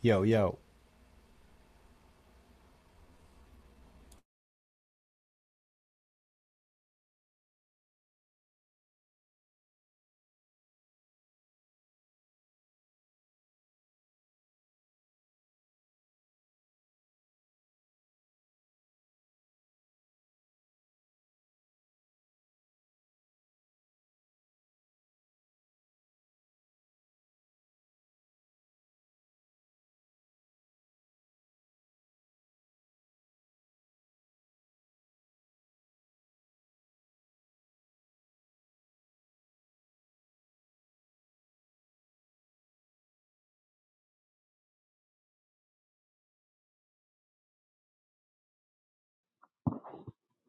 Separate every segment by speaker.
Speaker 1: Yo, yo.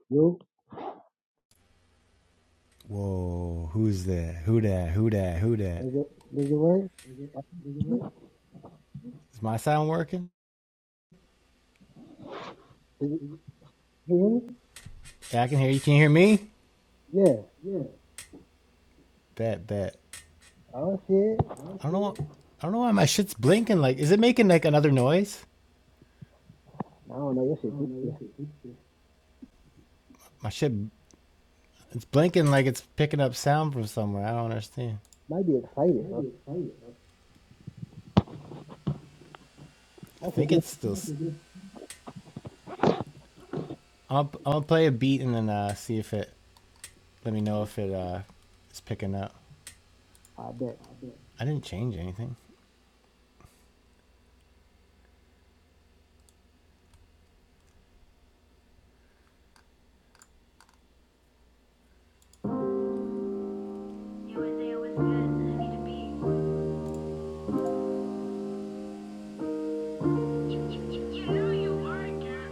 Speaker 2: Yo,
Speaker 1: Whoa, who's that? Who that? Who that? Who that?
Speaker 2: does it, does it work?
Speaker 1: Is my sound working?
Speaker 2: Does it, can you hear me?
Speaker 1: Yeah, I can hear you. Can you hear me?
Speaker 2: Yeah,
Speaker 1: Bet, bet.
Speaker 2: I don't
Speaker 1: I don't know. wh- I don't know why my shit's blinking. Like, is it making like another noise?
Speaker 2: I don't know. Your shit too. Yeah.
Speaker 1: My shit, it's blinking like it's picking up sound from somewhere. I don't understand.
Speaker 2: Might be excited.
Speaker 1: I
Speaker 2: I said
Speaker 1: think
Speaker 2: this.
Speaker 1: it's still. i will I'll I'll play a beat and then uh, see if it. Let me know if it uh is picking up.
Speaker 2: I bet.
Speaker 1: I didn't change anything. USA was good. I need to be. you, you, you know you are a cat.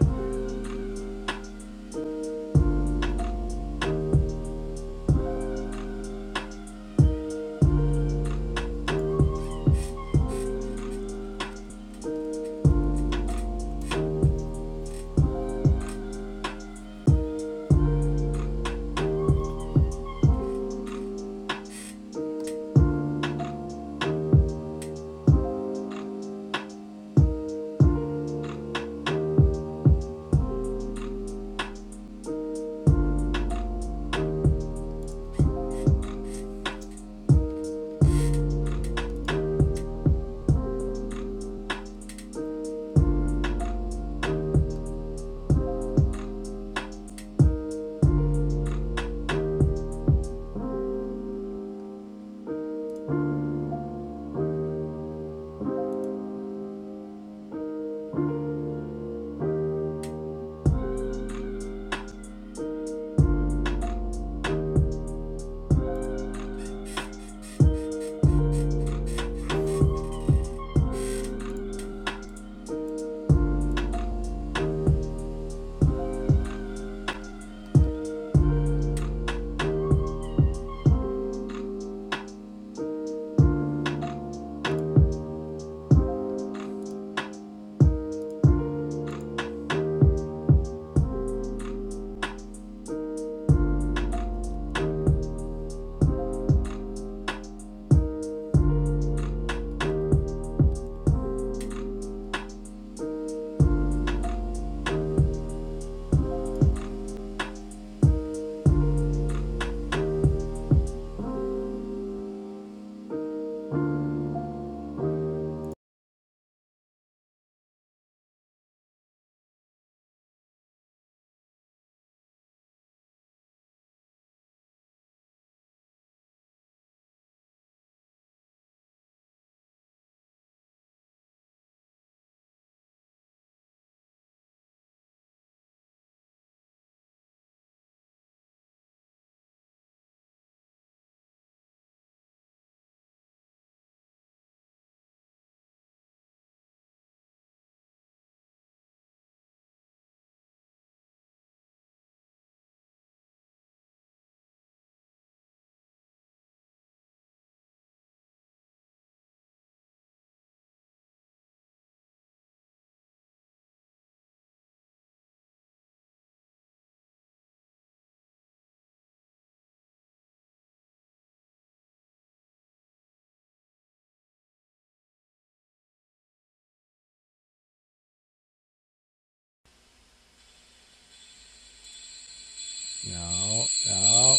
Speaker 1: No, no.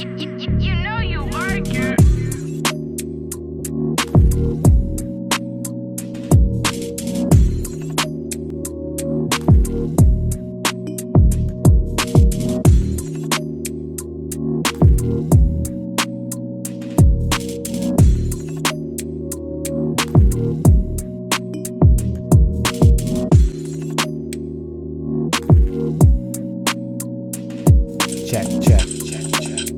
Speaker 1: You you, you know you are girl. Check, check, check, check.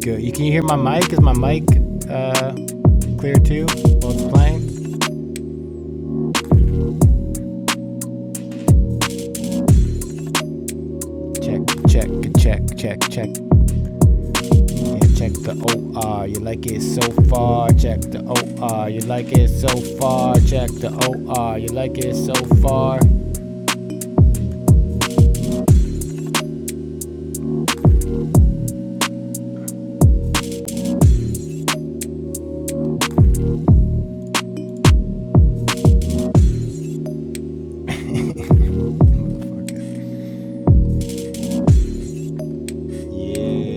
Speaker 1: Good. You can you hear my mic? Is my mic uh clear too while it's playing? Check, check, check, check, check. Yeah, check the OR. You like it so far. Check the OR. You like it so far. Check the OR. You like it so far. Yeah.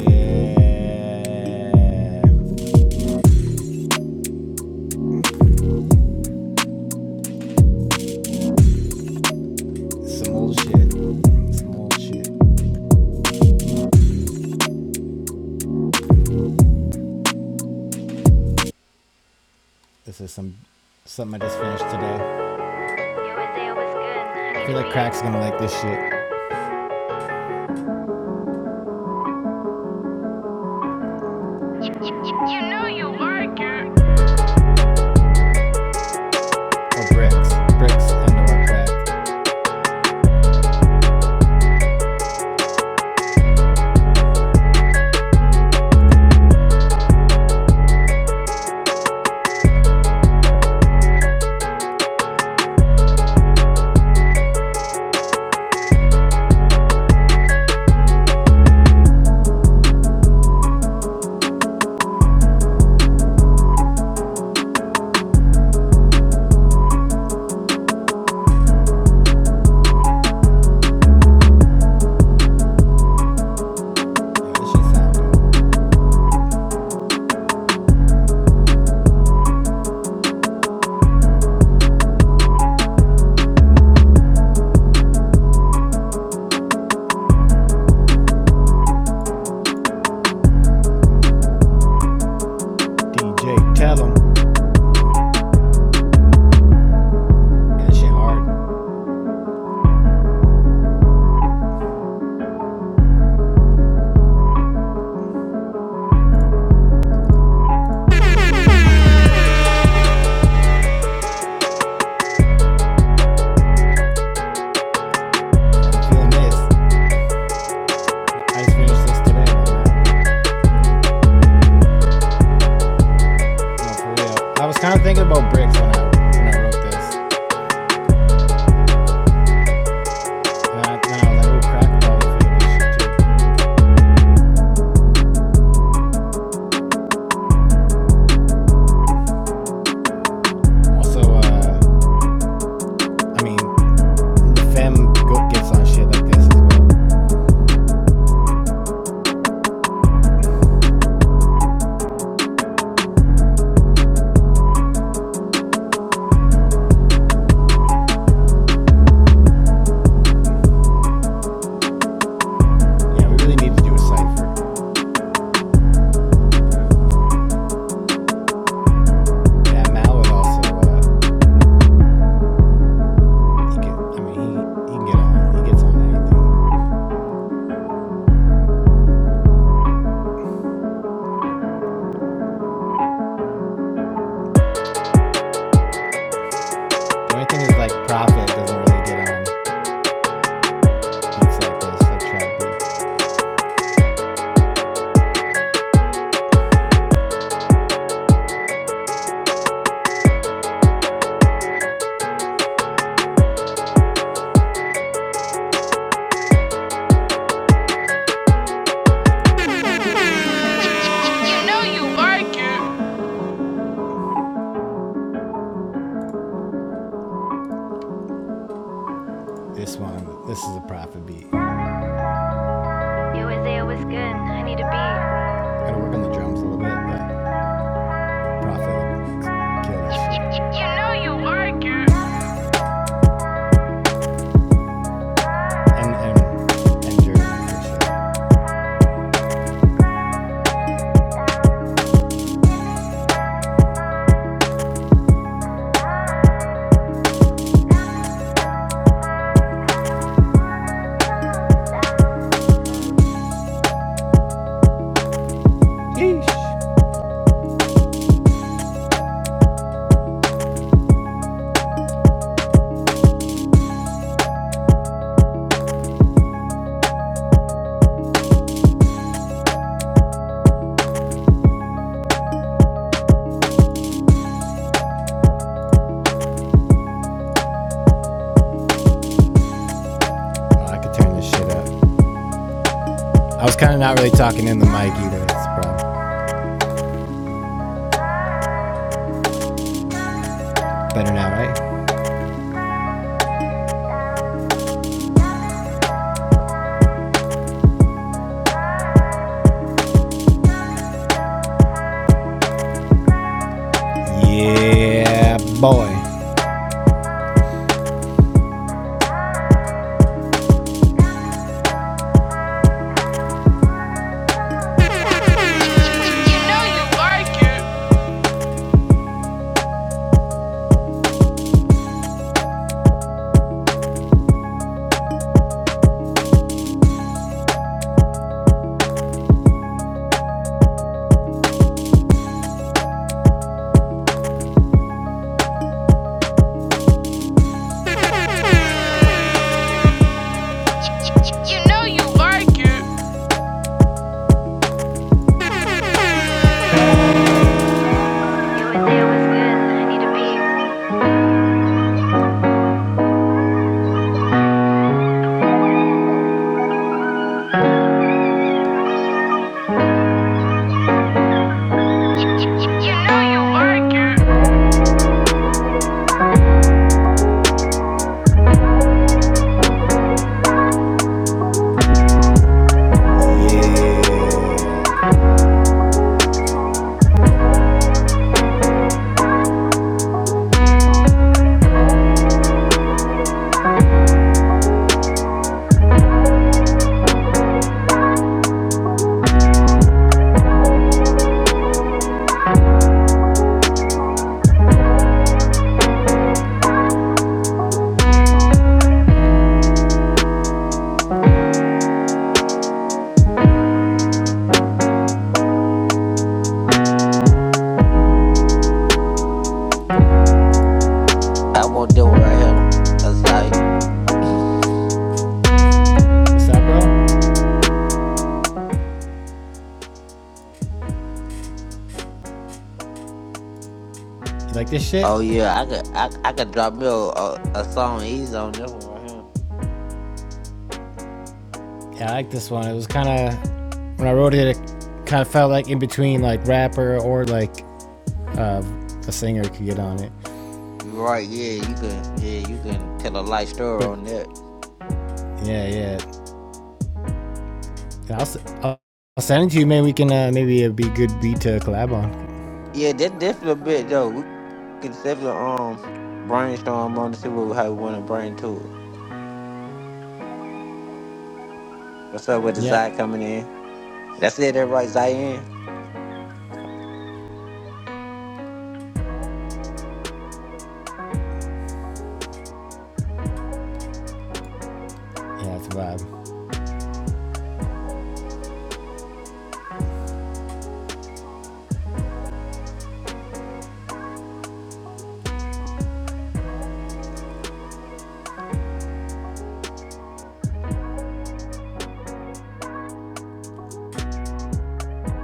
Speaker 1: Some old shit. Some old shit. This is some something I just finished today. I feel like Crack's gonna like this shit. You, you, you- know you like it. Or bricks. Bricks and or crack. Yeah, that shit sound good. DJ, tell him that shit hard. Feeling this. I just finished this today. Right No, for real. I was kind of thinking about bricks when I when I wrote this. And I, then I was like, ooh, crack probably feel this shit. Also, uh, I mean, femme go- gets on shit like this as well. Yeah, we really need to do a cipher. Yeah, Mal would also uh, He can, I mean, he, he can get on. He gets on anything. The only thing is like Prophet doesn't really get on beats like this, like trap beats. You know you like it. This one, this is a Prophet beat. Gotta work on the drums a little bit, but Prophet killed this shit. You, you, know you like it. and and and Jordan for sure. Yeesh. Oh, I could turn this shit up. I was kind of not really talking in the mic either. That's the problem. Better now, right? Yeah, boy. like
Speaker 3: I want that one right here. It's like,
Speaker 1: What's up, bro? You like this shit?
Speaker 3: oh yeah, I could I, I could drop me a, a, a song easy on this one right here.
Speaker 1: Yeah, I like this one. It was kind of when I wrote it, it kind of felt like in between like rapper or like uh, a singer could get on it.
Speaker 3: You right, yeah, you can yeah, you can tell a light story
Speaker 1: But
Speaker 3: on that.
Speaker 1: yeah, yeah. And I'll, s- I'll, I'll send it to you, man. We can uh, maybe it'd be a good beat to collab on.
Speaker 3: Yeah, that's definitely a bit though. We can definitely um brainstorm on to see what how we wanna bring to it. What's up with the
Speaker 1: Yeah,
Speaker 3: Zai coming in? That's it, that right, Zion?
Speaker 1: yeah, that's a vibe.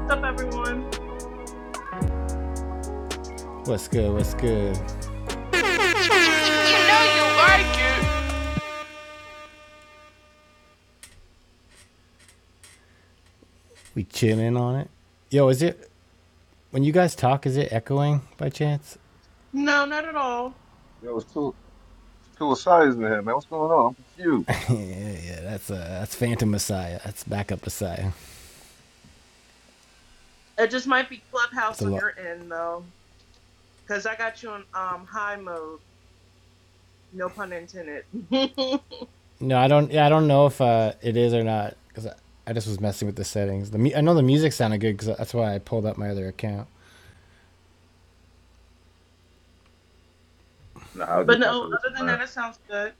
Speaker 4: What's up, everyone?
Speaker 1: What's good? What's good? like it. We chilling on it. Yo, is it When you guys talk, is it echoing by chance?
Speaker 4: No, not at all.
Speaker 5: Yo, it's two it's two Osiris in here, man. What's going on? I'm confused.
Speaker 1: yeah, yeah, that's uh, that's Phantom Messiah. That's backup Messiah.
Speaker 4: It just might be
Speaker 1: It's
Speaker 4: Clubhouse
Speaker 1: a
Speaker 4: on
Speaker 1: lot.
Speaker 4: your end, though, because I got you in um high mode. No pun intended. but
Speaker 1: No, I don't. Yeah, I don't know if uh, it is or not because I, I just was messing with the settings. The mu- I know the music sounded good because that's why I pulled up my other account.
Speaker 5: Nah, I was just
Speaker 4: no,
Speaker 5: messing with you,
Speaker 4: other than
Speaker 5: man.
Speaker 4: that, it sounds good.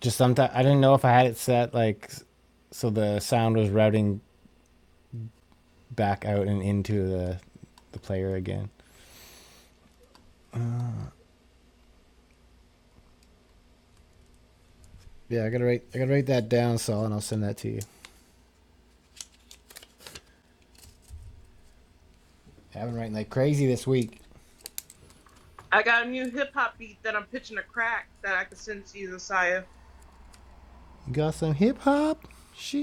Speaker 1: Just sometimes I didn't know if I had it set like so the sound was routing back out and into the the player again. Yeah, I gotta write. I gotta write that down, Saul, and I'll send that to you. I've been writing like crazy this week.
Speaker 4: I got a new hip hop beat that I'm pitching a crack that I could send to you, Josiah.
Speaker 1: Got some hip hop.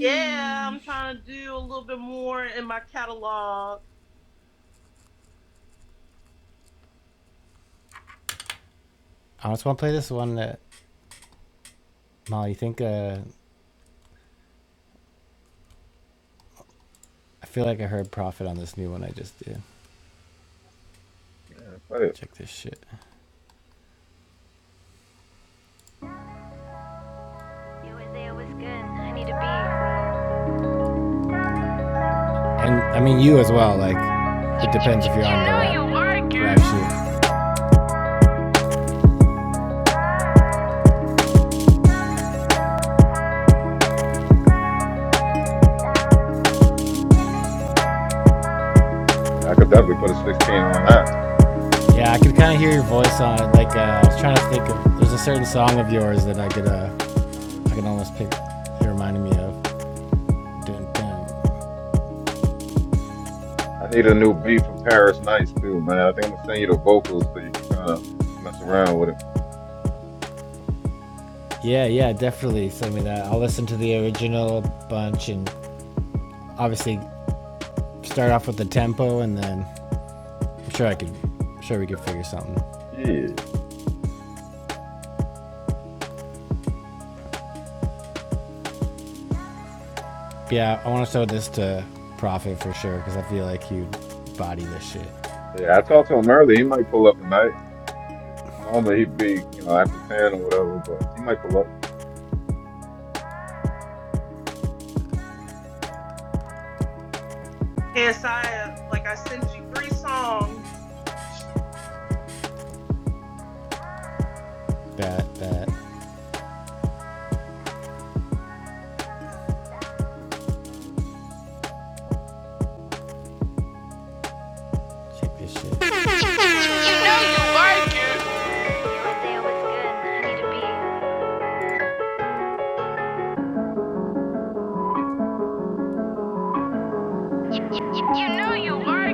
Speaker 4: Yeah, I'm trying to do a little bit more in my catalog.
Speaker 1: I just want to play this one that Molly. you Think uh, I feel like I heard Prophet on this new one I just did.
Speaker 5: Yeah, play it.
Speaker 1: Check this shit. You was there was good. I need to be. And I mean you as well. Like it depends if you're on the rap. rap. sheet.
Speaker 5: Yeah, I could definitely put a 16 on that.
Speaker 1: Yeah, I could kind of hear your voice on it. Like uh, I was trying to think of. There's a certain song of yours that I could. Uh, I could almost pick. It reminded me of. Dun, dun.
Speaker 5: I need a new beat for Paris Nights too, man. I think I'm gonna send you the vocals so you can kind of mess around with it.
Speaker 1: Yeah, yeah, definitely send me that. I'll listen to the original bunch and obviously start off with the tempo and then I'm sure I could. I'm sure we could figure something.
Speaker 5: Yeah,
Speaker 1: Yeah, I want to show this to Profit for sure because I feel like he'd body this shit.
Speaker 5: yeah. I talked to him earlier. He might pull up tonight. Normally he'd be, you know, after 10 or whatever, but he might pull up.
Speaker 4: Yeah, Josiah, like I sent you three songs.
Speaker 1: That that check this shit. You know you like it. Isaiah, what's good? I need to be. You, you, you know you like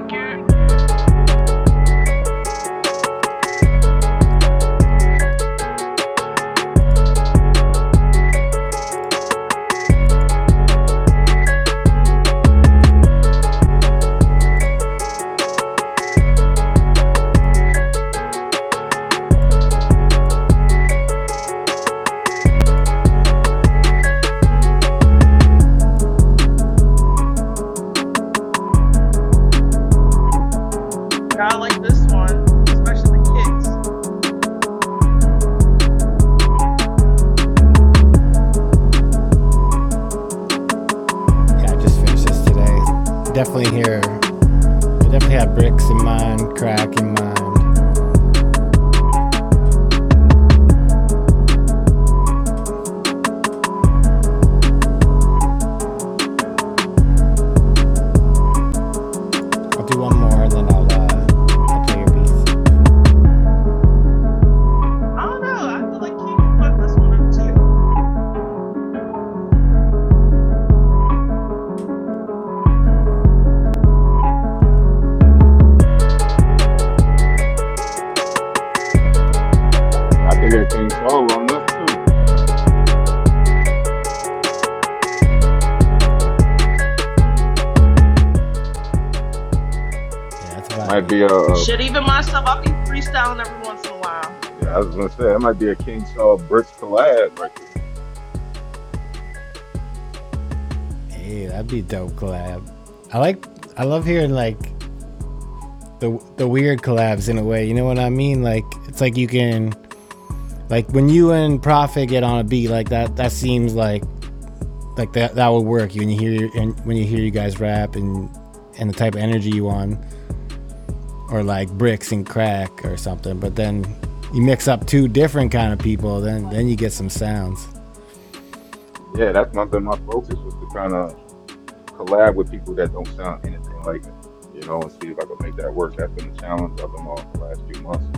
Speaker 4: I like this one, especially the kicks.
Speaker 1: Yeah, I just finished this today. Definitely here. I definitely have bricks in mind, crack in mind. I'll do one more and then I'll uh, I'll play your beats.
Speaker 4: I don't know. I feel like King could fuck this one up
Speaker 5: Yeah, I can hear King Saul on this too.
Speaker 1: Yeah, that's a
Speaker 5: It
Speaker 1: vibe.
Speaker 5: might be a,
Speaker 1: B.
Speaker 5: a
Speaker 4: Shit, even myself, I'll be freestyling every once in a while.
Speaker 5: yeah. I was gonna say it might be a King Saul Bricks collab right there.
Speaker 1: Hey, that'd be dope collab. I like. I love hearing like the the weird collabs in a way. You know what I mean? Like it's like you can like when you and Prophet get on a beat like that. That seems like like that that would work. When you hear and when you hear you guys rap and and the type of energy you on, or like bricks and crack or something. But then you mix up two different kind of people, then then you get some sounds.
Speaker 5: Yeah, that's my been my focus was to kind of collab with people that don't sound anything like me, you know, and see if I can make that work. That's been the challenge I've been on the last few months,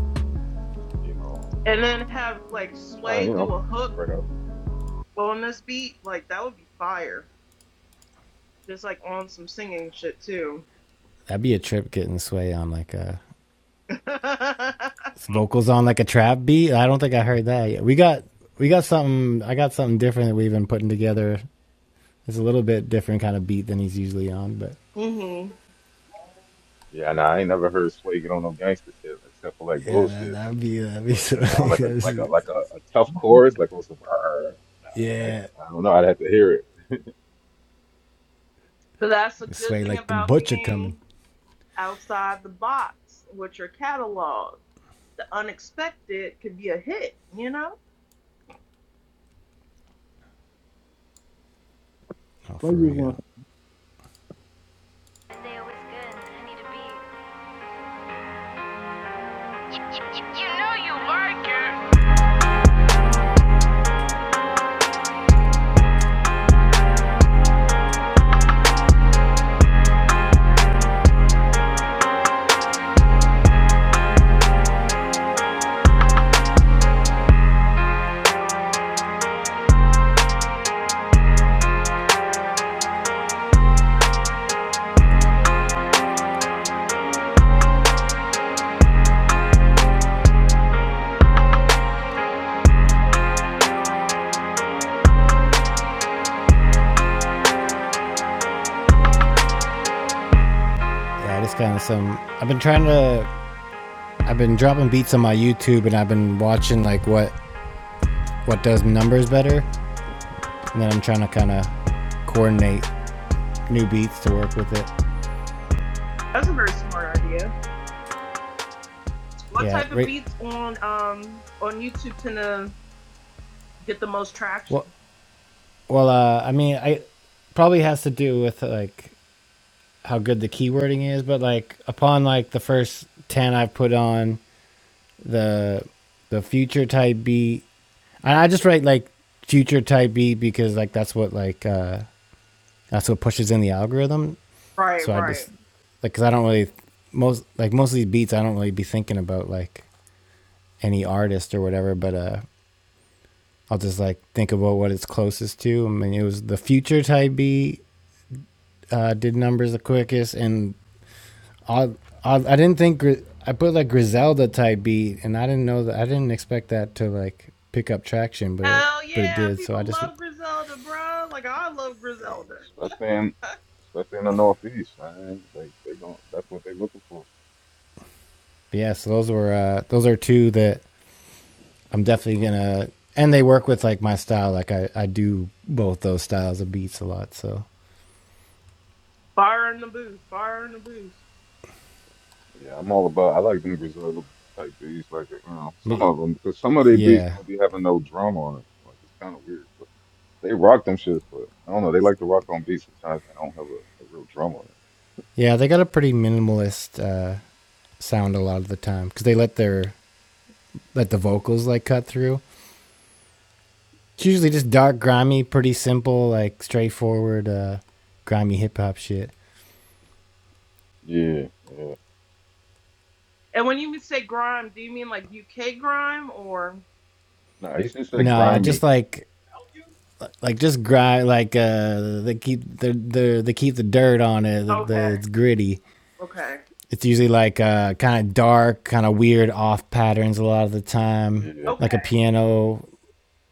Speaker 5: you know, um,
Speaker 4: And then have like
Speaker 5: trying
Speaker 4: Sway
Speaker 5: to, you
Speaker 4: do
Speaker 5: know,
Speaker 4: a hook
Speaker 5: spread out.
Speaker 4: on this beat, like that would be fire. Just like on some singing shit too.
Speaker 1: That'd be a trip getting sway on like a vocals on like a trap beat. I don't think I heard that yet. We got we got something. I got something different that we've been putting together It's a little bit different kind of beat than he's usually on, but
Speaker 4: hmm
Speaker 5: Yeah, nah, I ain't never heard Sway get on no gangster shit except for like
Speaker 1: yeah, that,
Speaker 5: bullshit.
Speaker 1: that'd be that'd be
Speaker 5: But you
Speaker 1: sort of
Speaker 5: know,
Speaker 1: like,
Speaker 5: like a
Speaker 1: that's,
Speaker 5: like a like a, a tough chorus, like with some, "Arr," nah, I,
Speaker 1: yeah,
Speaker 5: I don't know. I'd have to hear it,
Speaker 4: But that's a good
Speaker 1: sway
Speaker 4: thing
Speaker 1: like the
Speaker 4: about
Speaker 1: butcher coming.
Speaker 4: being outside the box with your catalog. The unexpected could be a hit, you know?
Speaker 1: Oh,
Speaker 2: What
Speaker 1: for
Speaker 2: you on?
Speaker 1: real. like Yeah, this kind of some. I've been trying to. I've been dropping beats on my YouTube, and I've been watching like what what does numbers better, and then I'm trying to kind of coordinate new beats to work with it.
Speaker 4: That's a very smart idea. What
Speaker 1: Yeah,
Speaker 4: type of
Speaker 1: right.
Speaker 4: beats on um on YouTube tend to get the most
Speaker 1: Well,
Speaker 4: traction?
Speaker 1: well, uh, I mean, I probably has to do with like how good the keywording is, but like upon like the first ten I've put on the the future type beat, and I just write like future type beat because like that's what like uh that's what pushes in the algorithm.
Speaker 4: Right,
Speaker 1: So I
Speaker 4: right.
Speaker 1: just like because I don't really most like most of these beats I don't really be thinking about like any artist or whatever, but uh I'll just like think about what it's closest to. I mean, it was the future type beat uh, did numbers the quickest, and odd, odd. I didn't think I put like Griselda type beat, and I didn't know that. I didn't expect that to like pick up traction, but it
Speaker 4: Hell
Speaker 1: but it
Speaker 4: yeah,
Speaker 1: did. So I
Speaker 4: people
Speaker 1: just
Speaker 4: love Griselda, bro. Like I love Griselda.
Speaker 5: especially in especially in the Northeast, man. Like they gon' that's what they're looking for.
Speaker 1: yeah. So those were uh, those are two that I'm definitely gonna. And they work with like my style. Like I I do both those styles of beats a lot. So
Speaker 4: Fire in the booth, fire in the booth.
Speaker 5: Yeah, I'm all about. I like them Griselda type beats, like you know, some
Speaker 1: but
Speaker 5: of them because some of their beats
Speaker 1: yeah,
Speaker 5: don't be having no drum on it. Like it's kind of weird, but they rock them shits. But I don't know, they like to rock on beats sometimes that don't have a, a real drum on
Speaker 1: yeah. They got a pretty minimalist uh, sound a lot of the time because they let their let the vocals like cut through It's usually just dark, grimy, pretty simple, like straightforward, uh, grimy hip hop shit.
Speaker 5: it. Yeah, yeah.
Speaker 4: And when you say grime, do you mean like UK grime or?
Speaker 5: Nah, he just said
Speaker 1: No, I just
Speaker 5: grimy.
Speaker 1: like like just grind like uh they keep the the they keep the dirt on it. The,
Speaker 4: Okay,
Speaker 1: the it's gritty.
Speaker 4: okay,
Speaker 1: It's usually like uh kind of dark, kind of weird off patterns a lot of the time.
Speaker 5: Yeah,
Speaker 4: okay,
Speaker 1: Like a piano,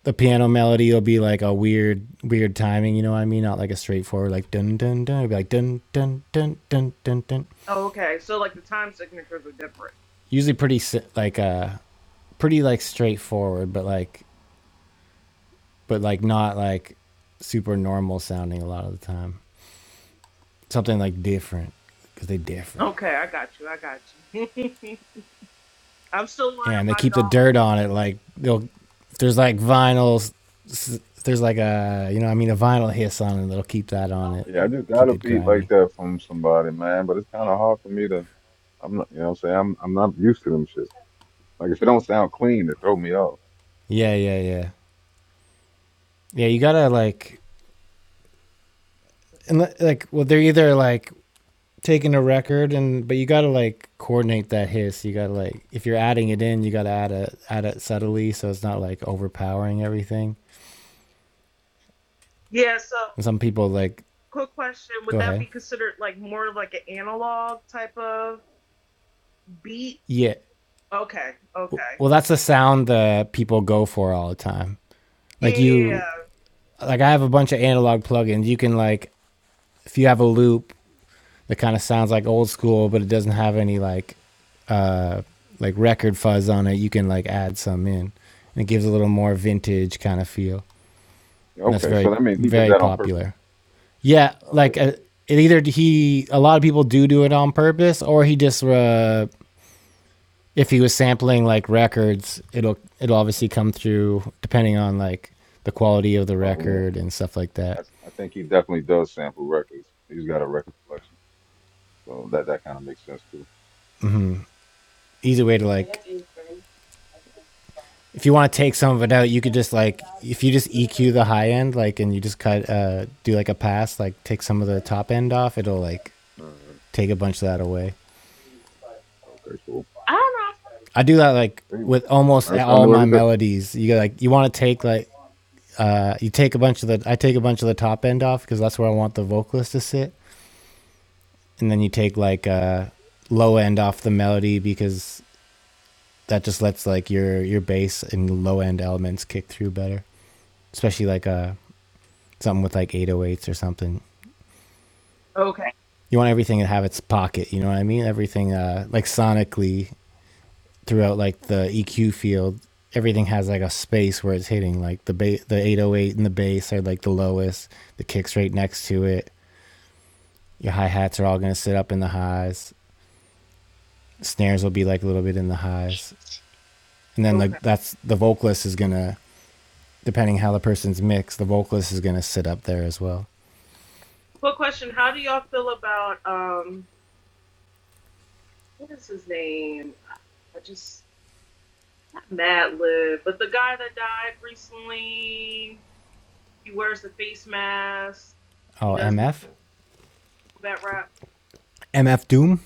Speaker 1: the piano melody will be like a weird weird timing. You know what I mean? Not like a straightforward like dun dun dun. It'll be like dun dun dun dun dun dun.
Speaker 4: oh, okay. So like the time signatures are different.
Speaker 1: Usually pretty si- like uh pretty like straightforward, but like but like not like super normal sounding a lot of the time. Something like different because they they're different,
Speaker 4: Okay, I got you. I got you. I'm still learning
Speaker 1: and they
Speaker 4: my
Speaker 1: keep the
Speaker 4: dog.
Speaker 1: dirt on it. Like they'll there's like vinyls. There's like a you know I mean a vinyl hiss on it. They'll keep that on it,
Speaker 5: yeah. I just got
Speaker 1: keep
Speaker 5: a
Speaker 1: it
Speaker 5: beat like
Speaker 1: grimy.
Speaker 5: that from somebody, man. But it's kind of hard for me to. I'm not, you know, what I'm saying I'm I'm not used to them shits. Like if it don't sound clean, it throw me off.
Speaker 1: Yeah, yeah, yeah, yeah. You gotta like and like well they're either like taking a record and but you gotta like coordinate that hiss you gotta like if you're adding it in you gotta add it add it subtly so it's not like overpowering everything
Speaker 4: Yeah. So
Speaker 1: and some people like
Speaker 4: quick question: Would
Speaker 1: go
Speaker 4: that
Speaker 1: ahead
Speaker 4: be considered like more of like an analog type of beat?
Speaker 1: yeah
Speaker 4: Okay, okay.
Speaker 1: well that's the sound that people go for all the time like
Speaker 4: Yeah.
Speaker 1: you like i have a bunch of analog plugins you can like if you have a loop that kind of sounds like old school but it doesn't have any like uh like record fuzz on it you can like add some in and it gives a little more vintage kind of feel And that's
Speaker 5: Okay, so
Speaker 1: very
Speaker 5: that means he did
Speaker 1: very
Speaker 5: that on purpose.
Speaker 1: popular. Yeah,
Speaker 5: Okay.
Speaker 1: like uh, it either he a lot of people do do it on purpose, or he just uh, if he was sampling like records, it'll it'll
Speaker 5: yeah.
Speaker 1: obviously come through depending on like the quality of the
Speaker 5: Oh yeah.
Speaker 1: record and stuff like
Speaker 5: I,
Speaker 1: that.
Speaker 5: I think he definitely does sample records. He's got a record collection, so that that kind of makes sense too.
Speaker 1: Easy way to like if you want to take some of it out, you could just like if you just EQ the high end, like and you just cut uh do like a pass, like take some of the top end off, it'll like
Speaker 5: Uh,
Speaker 1: take a bunch of that away.
Speaker 5: okay, cool.
Speaker 4: I don't
Speaker 1: I do that like
Speaker 5: Anyway,
Speaker 1: with almost
Speaker 5: learn something
Speaker 1: all
Speaker 5: new
Speaker 1: my
Speaker 5: every day.
Speaker 1: melodies. You like you want to take like uh you take a bunch of the I take a bunch of the top end off because that's where I want the vocalist to sit, and then you take like uh low end off the melody because that just lets like your your bass and low end elements kick through better, especially like uh something with like 808s or something.
Speaker 4: know. Okay.
Speaker 1: You want everything to have its pocket, you know what I mean? Everything uh like sonically throughout like the EQ field, everything has like a space where it's hitting. Like the ba- the 808 and the bass are like the lowest. The kicks right next to it. Your hi hats are all gonna sit up in the highs. Snares will be like a little bit in the highs, and then
Speaker 4: Okay.
Speaker 1: the that's the vocalist is gonna depending how the person's mixed, the vocalist is gonna sit up there as well.
Speaker 4: Quick question: How do y'all feel about um what is his name? I just not Mad Lib, but the guy that died recently. He wears the face mask. He
Speaker 1: Oh,
Speaker 4: does
Speaker 1: MF,
Speaker 4: that rap.
Speaker 1: MF Doom.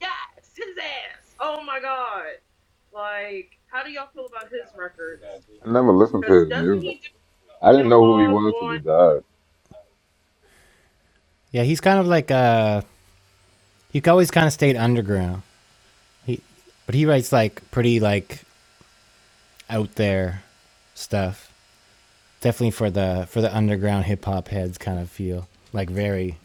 Speaker 4: Yes, his ass. Oh my god! Like, how do y'all feel about his records?
Speaker 5: I never listened
Speaker 4: Because
Speaker 5: to his
Speaker 4: doesn't
Speaker 5: music.
Speaker 4: he
Speaker 5: I
Speaker 4: do
Speaker 5: didn't know who he
Speaker 4: analog
Speaker 5: was till he
Speaker 4: on?
Speaker 5: died.
Speaker 1: Yeah, he's kind of like uh, he always kind of stayed underground. He, but he writes like pretty like out there stuff. definitely for the for the underground hip hop heads kind of feel like very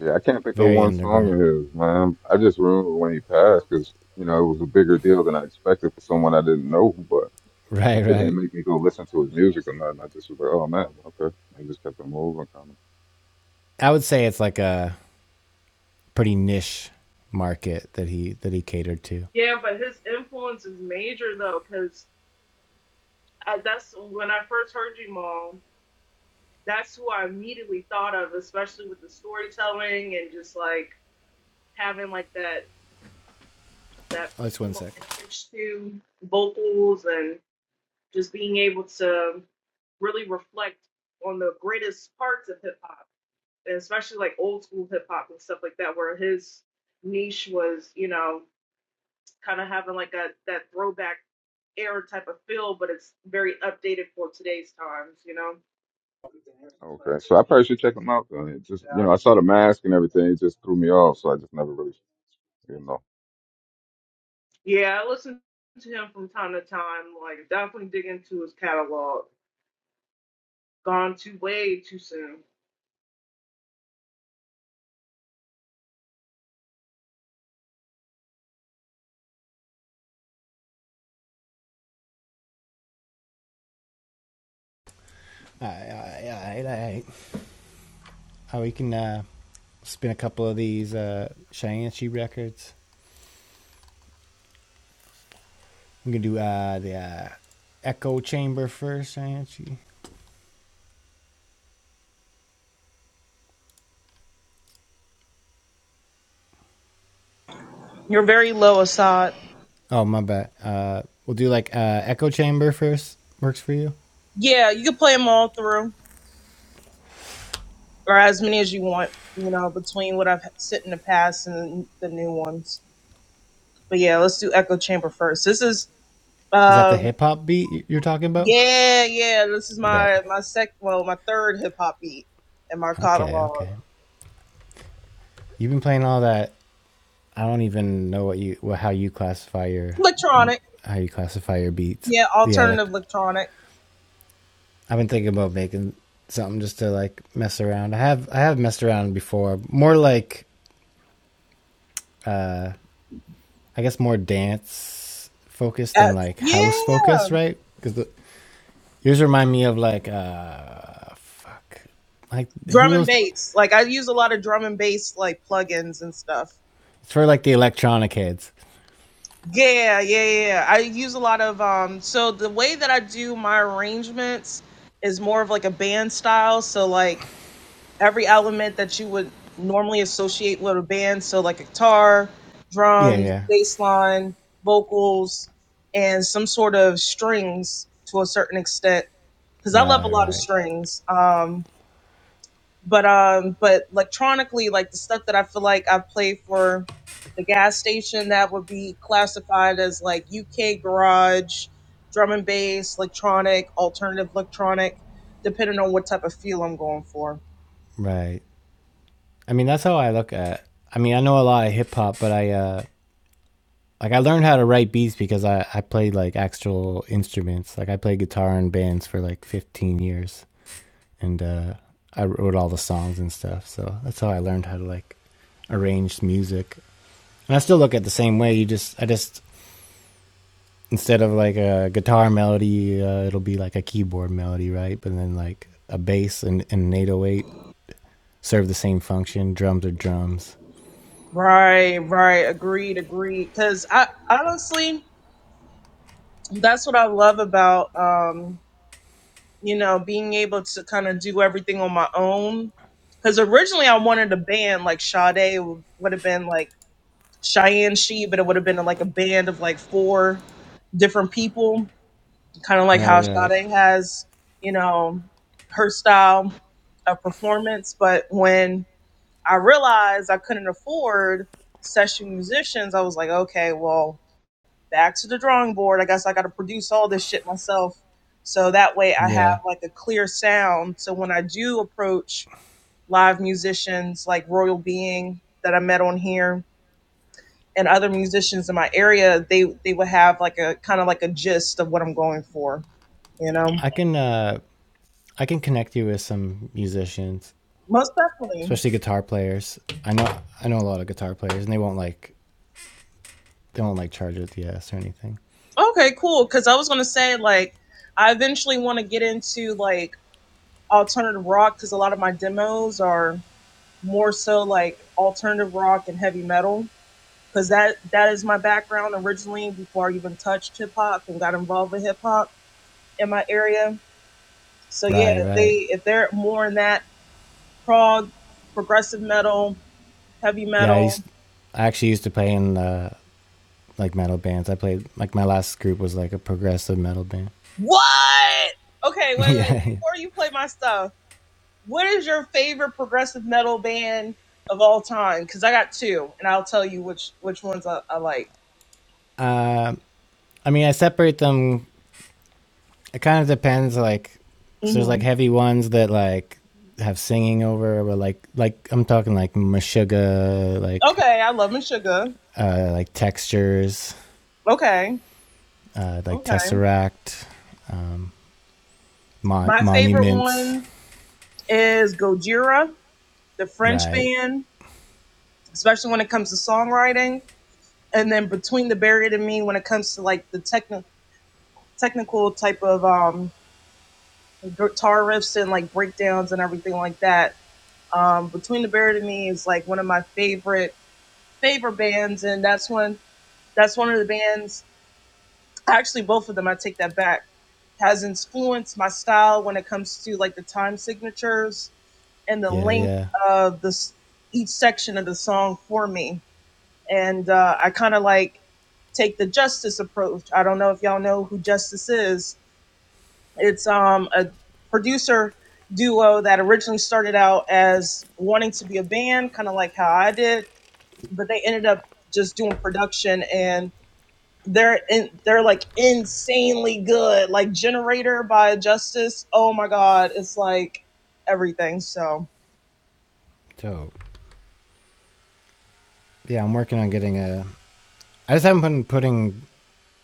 Speaker 5: Yeah, I can't think of
Speaker 1: very
Speaker 5: one song
Speaker 1: underground.
Speaker 5: of his, man. I just remember when he passed because you know it was a bigger deal than I expected for someone I didn't know. But
Speaker 1: Right,
Speaker 5: it
Speaker 1: right.
Speaker 5: didn't make me go listen to his music or nothing. I just was like, oh man, okay. I just kept it moving,
Speaker 1: I would say it's like a pretty niche market that he that he catered to.
Speaker 4: Yeah, but his influence is major though. Because that's when I first heard you, Mom. that's who I immediately thought of, especially with the storytelling and just like having like that that
Speaker 1: Oh, just one
Speaker 4: primal
Speaker 1: sec.
Speaker 4: edge to vocals and just being able to really reflect on the greatest parts of hip hop, and especially like old school hip hop and stuff like that, where his niche was, you know, kind of having like a that throwback era type of feel, but it's very updated for today's times, you know.
Speaker 5: Okay, so I probably should check them out. Though. It just you know, I saw the mask and everything. It just threw me off, so I just never really, you know.
Speaker 4: Yeah, I listen to him from time to time. Like, definitely dig into his catalog. Gone too way too soon.
Speaker 1: All right, all right, all right, all right. Oh, we can uh, spin a couple of these uh, Cheyenne records. I'm gonna do uh, the uh, Echo Chamber first, Cheyenne.
Speaker 4: You're very low, Assad.
Speaker 1: Oh, my bad. Uh, we'll do like uh, Echo Chamber first. Works for you?
Speaker 4: Yeah, you can play them all through, or as many as you want, you know, between what I've sent in the past and the new ones. But yeah, let's do Echo Chamber first. This is,
Speaker 1: Is that the
Speaker 4: uh,
Speaker 1: hip hop beat you're talking about?
Speaker 4: yeah, yeah, this is
Speaker 1: Bet.
Speaker 4: my my sec, well, my third hip hop beat in my
Speaker 1: Okay,
Speaker 4: catalog.
Speaker 1: okay. You've been playing all that. I don't even know what you what, how you classify your
Speaker 4: Electronic,
Speaker 1: how you classify your beats.
Speaker 4: yeah,
Speaker 1: Yeah, like
Speaker 4: alternative electronic.
Speaker 1: I've been thinking about making something just to like mess around. I have I have messed around before. More like I guess more dance focused
Speaker 4: Uh,
Speaker 1: than like house
Speaker 4: yeah.
Speaker 1: focused, right? Because yours remind me of like uh fuck like who
Speaker 4: drum and
Speaker 1: those
Speaker 4: bass. Like I use a lot of drum and bass like plugins and stuff.
Speaker 1: it's for like the electronic heads.
Speaker 4: Yeah, yeah, yeah. yeah. I use a lot of um so the way that I do my arrangements is more of like a band style, so like every element that you would normally associate with a band, so like a guitar,
Speaker 1: Yeah,
Speaker 4: drums,
Speaker 1: yeah.
Speaker 4: bass line, vocals, and some sort of strings to a certain extent cuz I love a
Speaker 1: Right,
Speaker 4: lot of
Speaker 1: right,
Speaker 4: strings. Um but um but electronically like the stuff that i feel like i've played for the gas station that would be classified as like uk garage drum and bass electronic alternative electronic depending on what type of feel i'm going for
Speaker 1: right. I mean, that's how I look at. It. I mean, I know a lot of hip hop, but I uh, like I learned how to write beats because I I played like actual instruments. Like I played guitar in bands for like 15 years, and uh, I wrote all the songs and stuff. So that's how I learned how to like arrange music. And I still look at it the same way. You just I just instead of like a guitar melody, uh, it'll be like a keyboard melody, right? But then like a bass and, and an 808 serve the same function. Drums are drums.
Speaker 4: right right agreed agreed because i honestly that's what i love about um you know being able to kind of do everything on my own because originally i wanted a band like Sade would have been like Cheyenne She, but it would have been like a band of like four different people, kind of like
Speaker 1: Right,
Speaker 4: how
Speaker 1: right.
Speaker 4: Sade has, you know, her style of performance. But when I realized I couldn't afford session musicians, I was like, okay, well, back to the drawing board. I guess I got to produce all this shit myself. So that way I have
Speaker 1: Yeah.
Speaker 4: like a clear sound. So when I do approach live musicians like Royal Being that I met on here, and other musicians in my area, they they would have like a kind of like a gist of what I'm going for, you know.
Speaker 1: I can uh I can connect you with some musicians,
Speaker 4: Most definitely.
Speaker 1: especially guitar players. I know I know a lot of guitar players, and they won't like they won't like charge at the ass or anything.
Speaker 4: Okay, cool. Because I was gonna say like I eventually want to get into like alternative rock because a lot of my demos are more so like alternative rock and heavy metal because that that is my background originally before I even touched hip hop and got involved with hip hop in my area. So yeah,
Speaker 1: Right,
Speaker 4: if
Speaker 1: right.
Speaker 4: they if they're more in that prog progressive metal heavy
Speaker 1: Yeah, I used
Speaker 4: metal.
Speaker 1: I actually used to play in uh, like metal bands. I played like my last group was like a progressive metal band.
Speaker 4: What? Okay, wait, wait.
Speaker 1: yeah.
Speaker 4: Before you play my stuff, what is your favorite progressive metal band of all time? Because I got two, and I'll tell you which which ones I, I like.
Speaker 1: Um, I mean, I separate them. It kind of depends, like, 'cause there's
Speaker 4: hmm
Speaker 1: like heavy ones that like have singing over, or like like I'm talking like Meshuggah, like
Speaker 4: Okay, I love and sugar.
Speaker 1: uh, like textures,
Speaker 4: Okay,
Speaker 1: uh, like
Speaker 4: okay.
Speaker 1: tesseract, um, mon-
Speaker 4: My favorite
Speaker 1: monuments,
Speaker 4: one is Gojira, the French
Speaker 1: right?
Speaker 4: band, especially when it comes to songwriting. And then between the Buried and me, when it comes to like the technical technical type of um guitar riffs and like breakdowns and everything like that Um, Between the Bird and Me is like one of my favorite favorite bands, and that's one that's one of the bands. Actually, both of them. I take that back. Has influenced my style when it comes to like the time signatures and the
Speaker 1: Yeah,
Speaker 4: length
Speaker 1: yeah.
Speaker 4: of this each section of the song for me. And uh, I kind of like take the Justice approach. I don't know if y'all know who Justice is, it's um, a producer duo that originally started out as wanting to be a band, kind of like how I did, but they ended up just doing production and they're in, they're like insanely good. Like Generator by Justice. Oh my god, it's like everything. So
Speaker 1: So yeah, I'm working on getting a. I just haven't been putting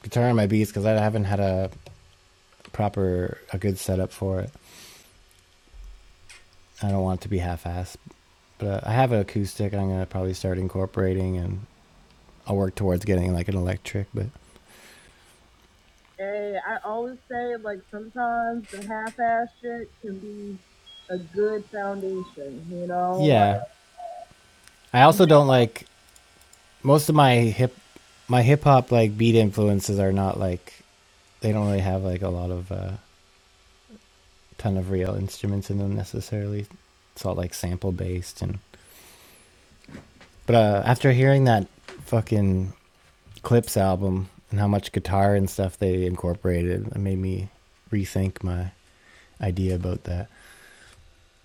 Speaker 1: guitar on my beats because I haven't had a proper, a good setup for it. I don't want it to be half-assed, but uh, I have an acoustic. I'm gonna probably start incorporating, and I'll work towards getting like an electric. But
Speaker 4: Hey, I always say like sometimes the half-ass shit can be a good foundation, you know?
Speaker 1: yeah, I
Speaker 4: Like
Speaker 1: also don't like most of my hip, my hip hop like beat influences are not like they don't really have like a lot of uh, ton of real instruments in them necessarily. It's all like sample based and. But uh, after hearing that fucking Clips album and how much guitar and stuff they incorporated, it made me rethink my idea about that.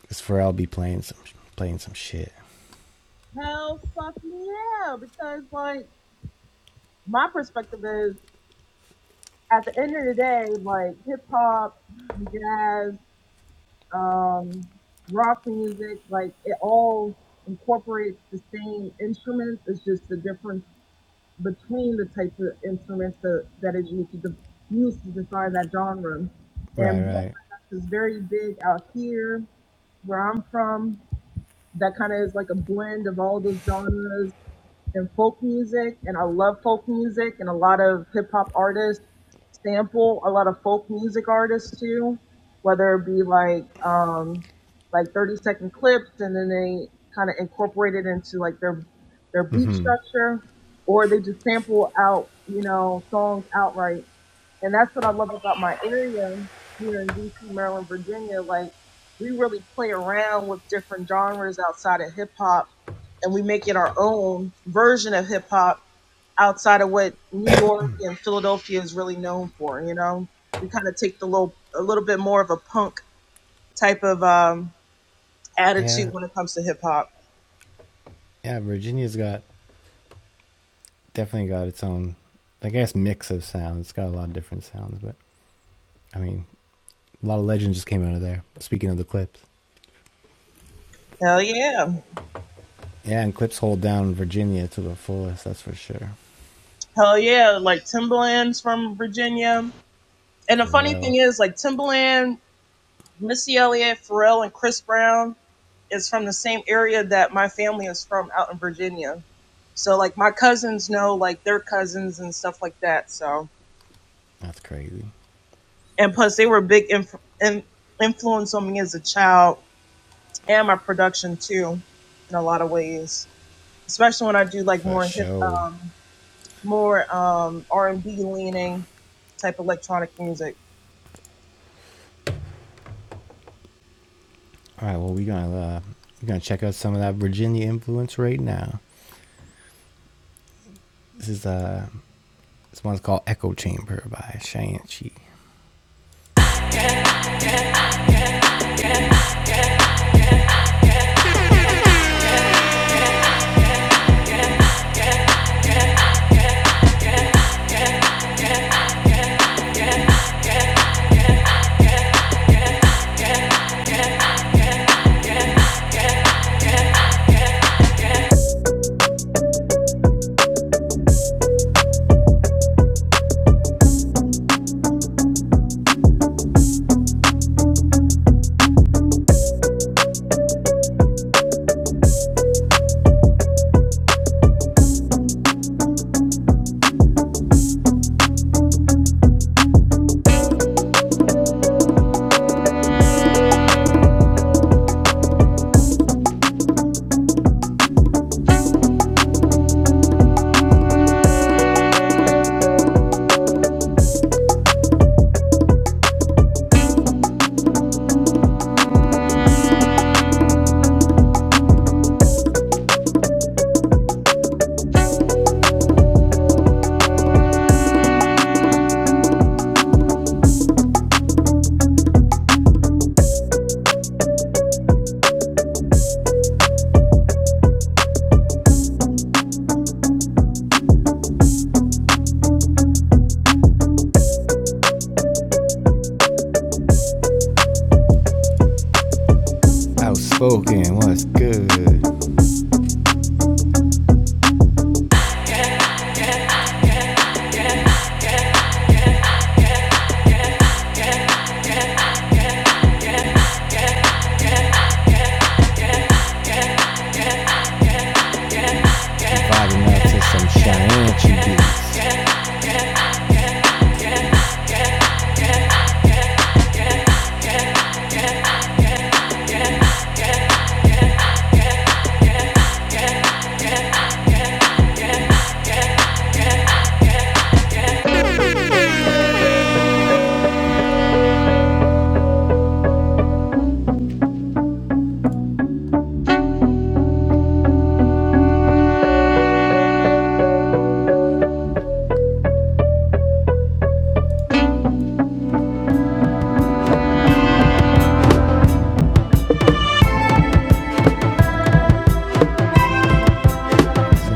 Speaker 1: Because Pharrell be playing some playing some shit.
Speaker 4: hell fuck me yeah, because like my perspective is at the end of the day, like hip hop, jazz, um, rock music, like it all incorporates the same instruments. It's just the difference between the types of instruments that, that is used to de- used to define that genre.
Speaker 1: Right,
Speaker 4: And
Speaker 1: right.
Speaker 4: bluegrass is very big out here where I'm from. That kind of is like a blend of all those genres and folk music, and I love folk music, and a lot of hip hop artists sample a lot of folk music artists too, whether it be like um, like thirty second clips, and then they kind of incorporate it into like their their beat structure, or they just sample out you know songs outright and that's what I love about my area here in DC, Maryland, Virginia. Like, we really play around with different genres outside of hip hop, and we make it our own version of hip hop outside of what New York and Philadelphia is really known for. You know, we kind of take the little, a little bit more of a punk type of um, attitude
Speaker 1: Yeah,
Speaker 4: when it comes to hip hop.
Speaker 1: yeah. Virginia's got definitely got its own, I guess, mix of sounds. It's got a lot of different sounds, but I mean, a lot of legends just came out of there. Speaking of the clips.
Speaker 4: Hell yeah,
Speaker 1: Yeah, and Clips hold down Virginia to the fullest, that's for sure.
Speaker 4: hell yeah! Like Timbaland's from Virginia, and the
Speaker 1: For
Speaker 4: funny thing
Speaker 1: real.
Speaker 4: is, like Timbaland Missy Elliott, Pharrell, and Chris Brown is from the same area that my family is from out in Virginia. So like my cousins know like their cousins and stuff like that. So
Speaker 1: That's crazy.
Speaker 4: and plus they were a big inf- in- influence on me as a child and my production too in a lot of ways, especially when I do like
Speaker 1: For
Speaker 4: more hip,
Speaker 1: sure.
Speaker 4: um, more um, R and B leaning type electronic music.
Speaker 1: All right, well we're gonna uh, we're gonna check out some of that Virginia influence right now. This is uh this one's called Echo Chamber by Chi. Outspoken, what's good? Vibing out to some Chi beats.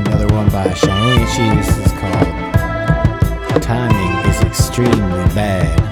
Speaker 1: Another one by Chi. This is called Timing is Extremely Bad.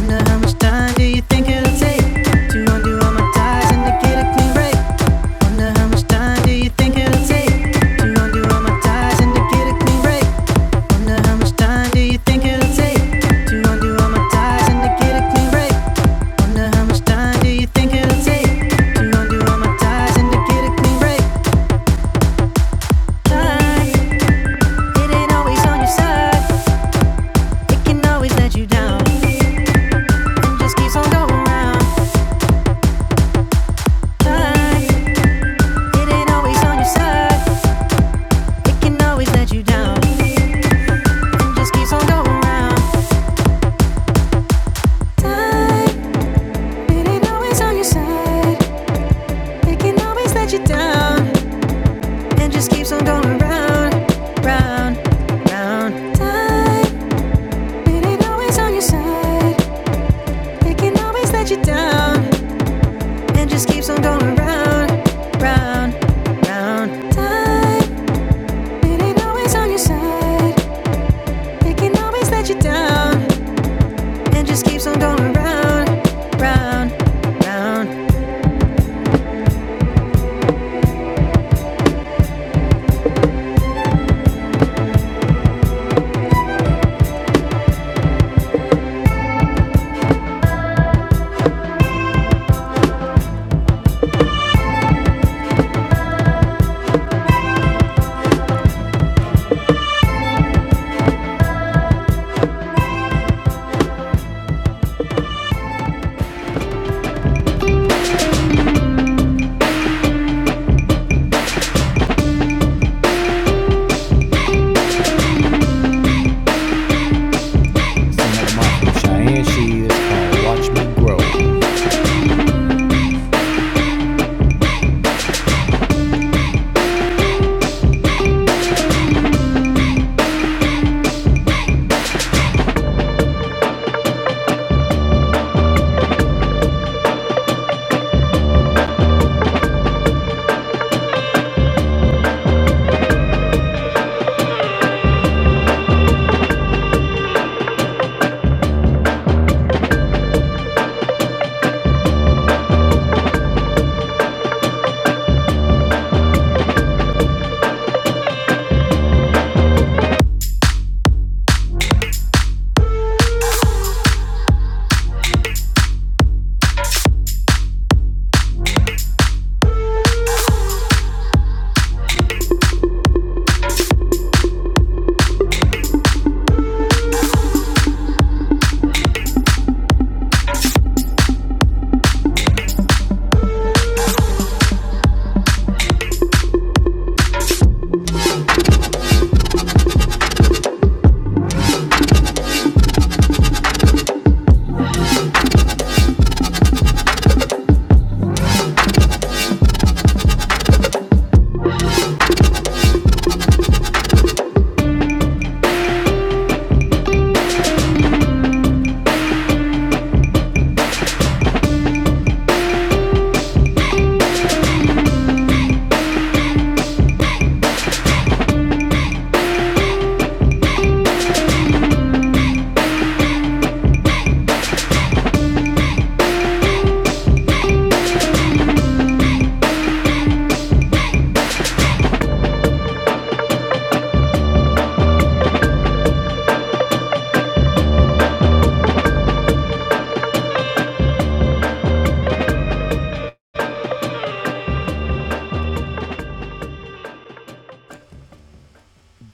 Speaker 1: Wonder how much time do you think it'll take to undo all my ties and to get a clean break? Wonder how much time do you think it'll take to undo all my ties and to get a clean break? Wonder how much time do you think it'll take to undo all my ties and to get a clean break? Wonder how much time do you think it'll take to undo all my ties and to get a clean break? Time, it ain't always on your side. It can always let you down. and just keeps on going round. Time, It ain't always on your side. It can always let you down. And just keeps on going round, round, it ain't always on your side. It can always let you down. And just keeps on going round, round, round. it ain't always on your side. It can always let you down and just keeps on going round, round, round. Another Michael Shine. Here she is called Watch Me Grow.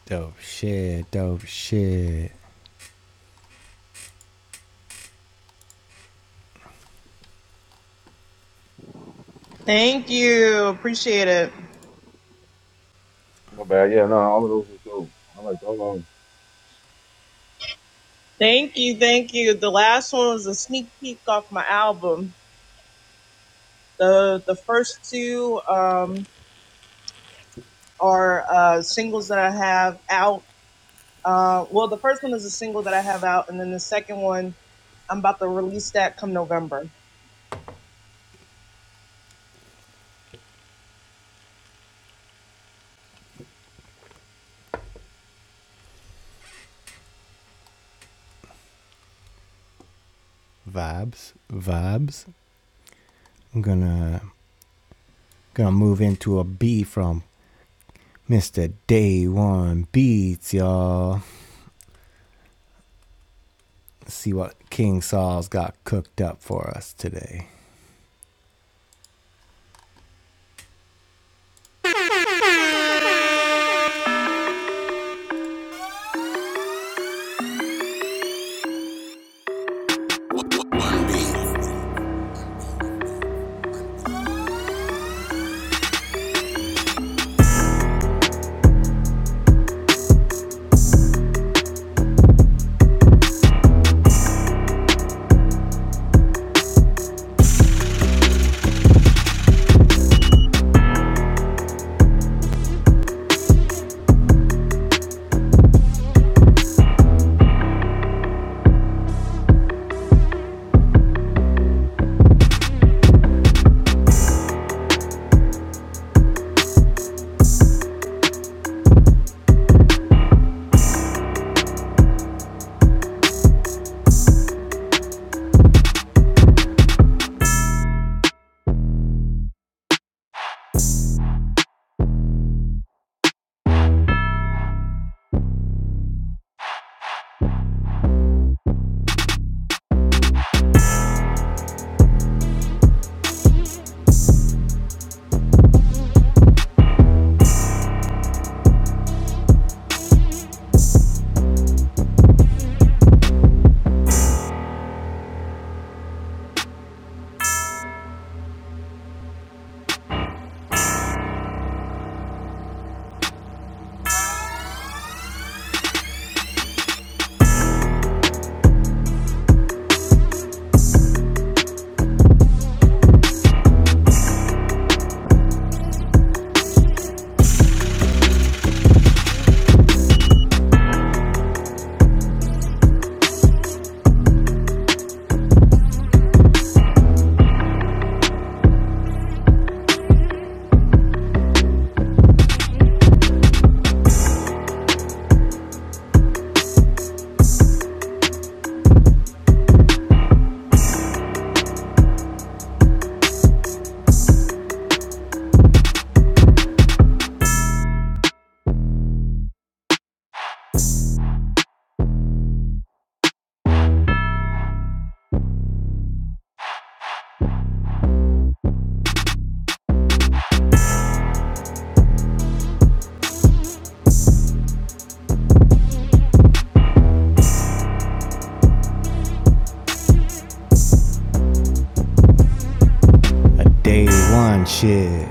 Speaker 1: Dope shit, dope shit.
Speaker 4: Thank you, appreciate it.
Speaker 5: My bad. Yeah, no, all of those was dope. I like all of 'em.
Speaker 4: Thank you, thank you. The last one was a sneak peek off my album. The the first two um, are uh, singles that I have out. Uh, well, the first one is a single that I have out, and then the second one I'm about to release that come November.
Speaker 1: Vibes, vibes. I'm gonna gonna move into a B from Mr. Day One Beats, y'all. Let's See what King Saul's got cooked up for us today. A day one shit.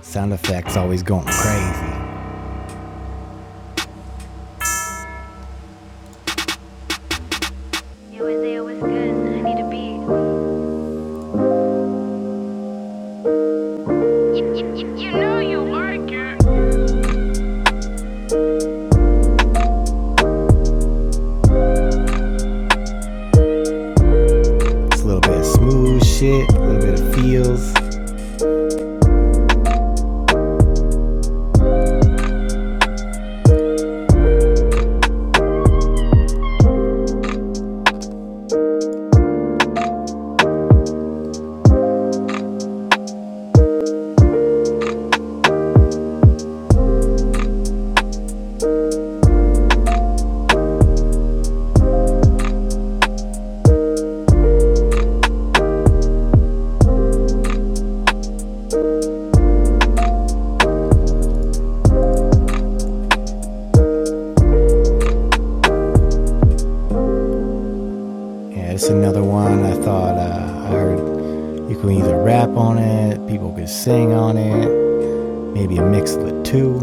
Speaker 1: Sound effects always going crazy. Yo, Isaiah, what's good? I need a beat. You know you like it. It's a little bit of smooth shit, a little bit of feels. Yeah, it's another one I thought uh, I heard you can either rap on it, people could sing on it, maybe a mix of the two.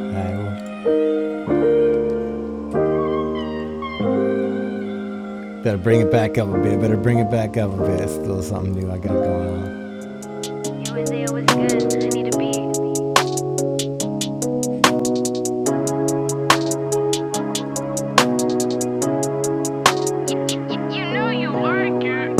Speaker 1: Alright, well, better bring it back up a bit, better bring it back up a bit. It's a little something new I got going on. You and Zaya was good. I need a beat. You know you like it.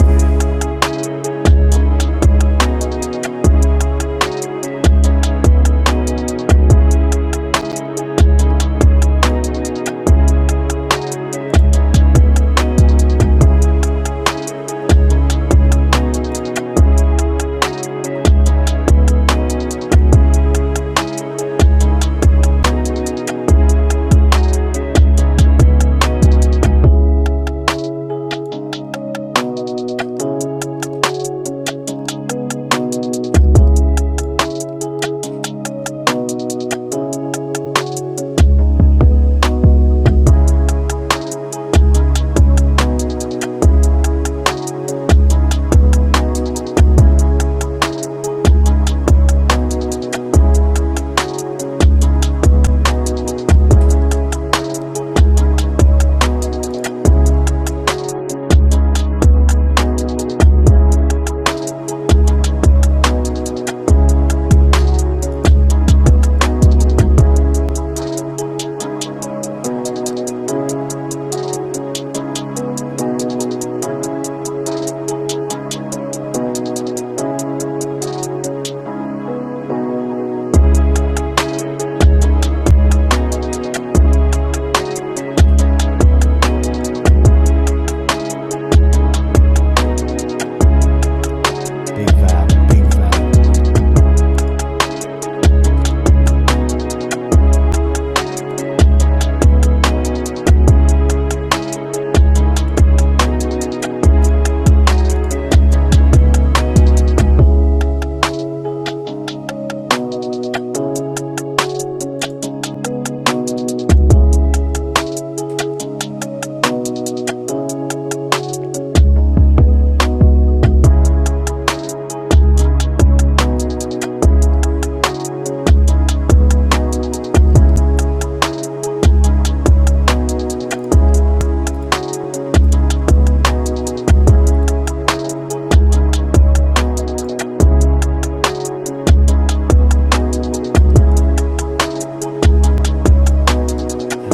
Speaker 1: Big vibe, big vibe.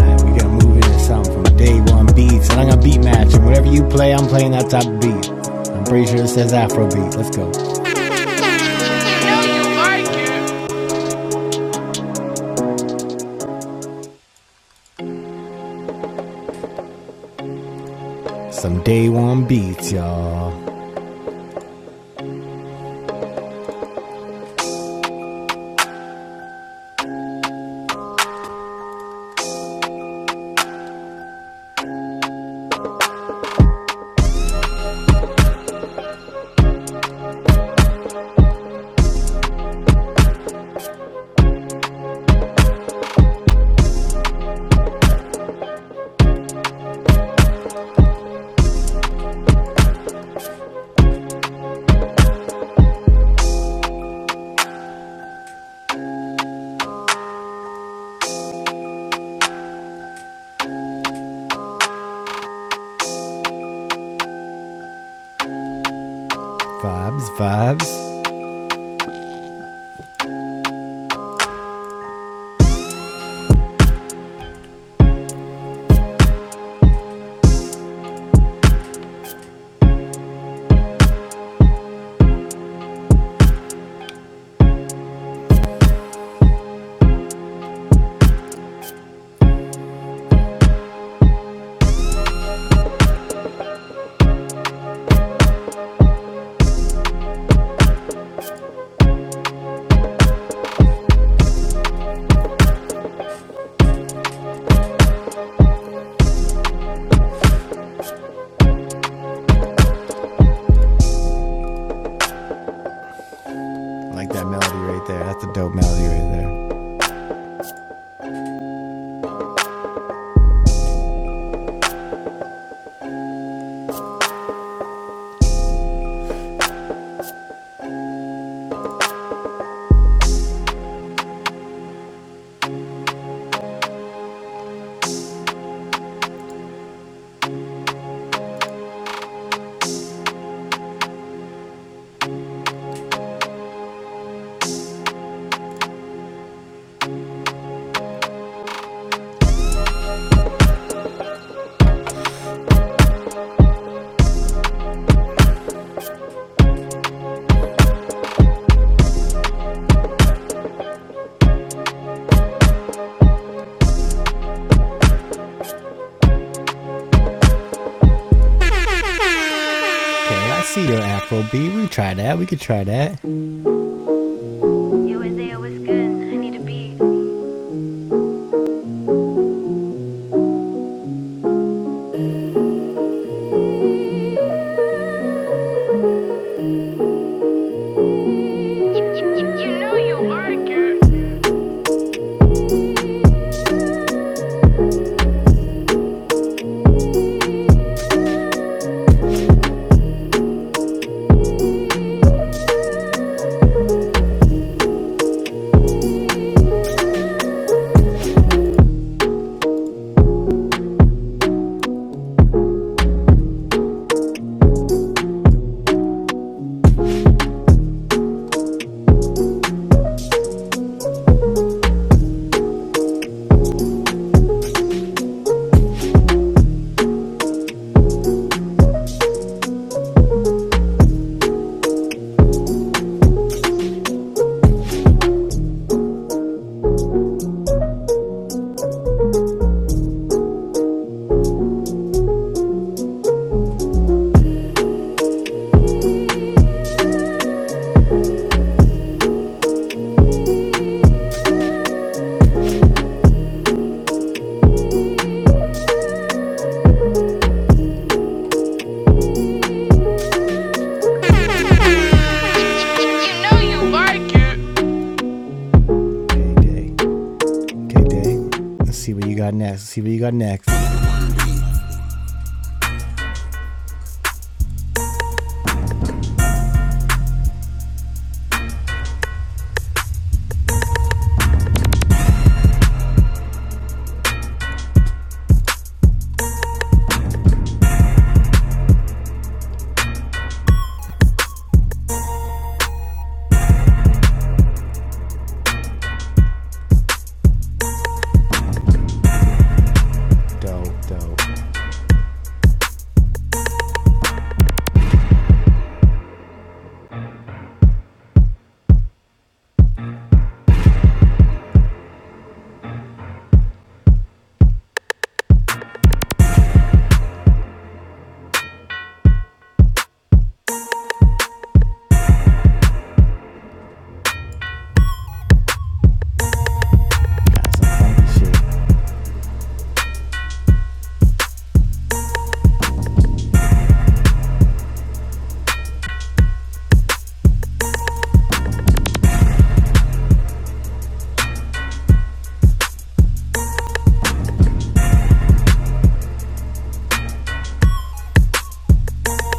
Speaker 1: We're gonna move into something from day one beats, and I'm gonna beat match. And whatever you play, I'm playing that type of beat. I'm pretty sure it says Afro beat. Let's go. Some day one beats, y'all. Vibes, vibes. I like that melody right there. That's a dope melody right there. Okay, I see your Afro beat. We try that. We could try that. Yo, Isaiah, what's good? I need a beat. You, you, you, you know you work it. You know you work it. Okay, day. Okay, day. Let's see what you got next. Let's see what you got next. dope, dope. Got some funky shit,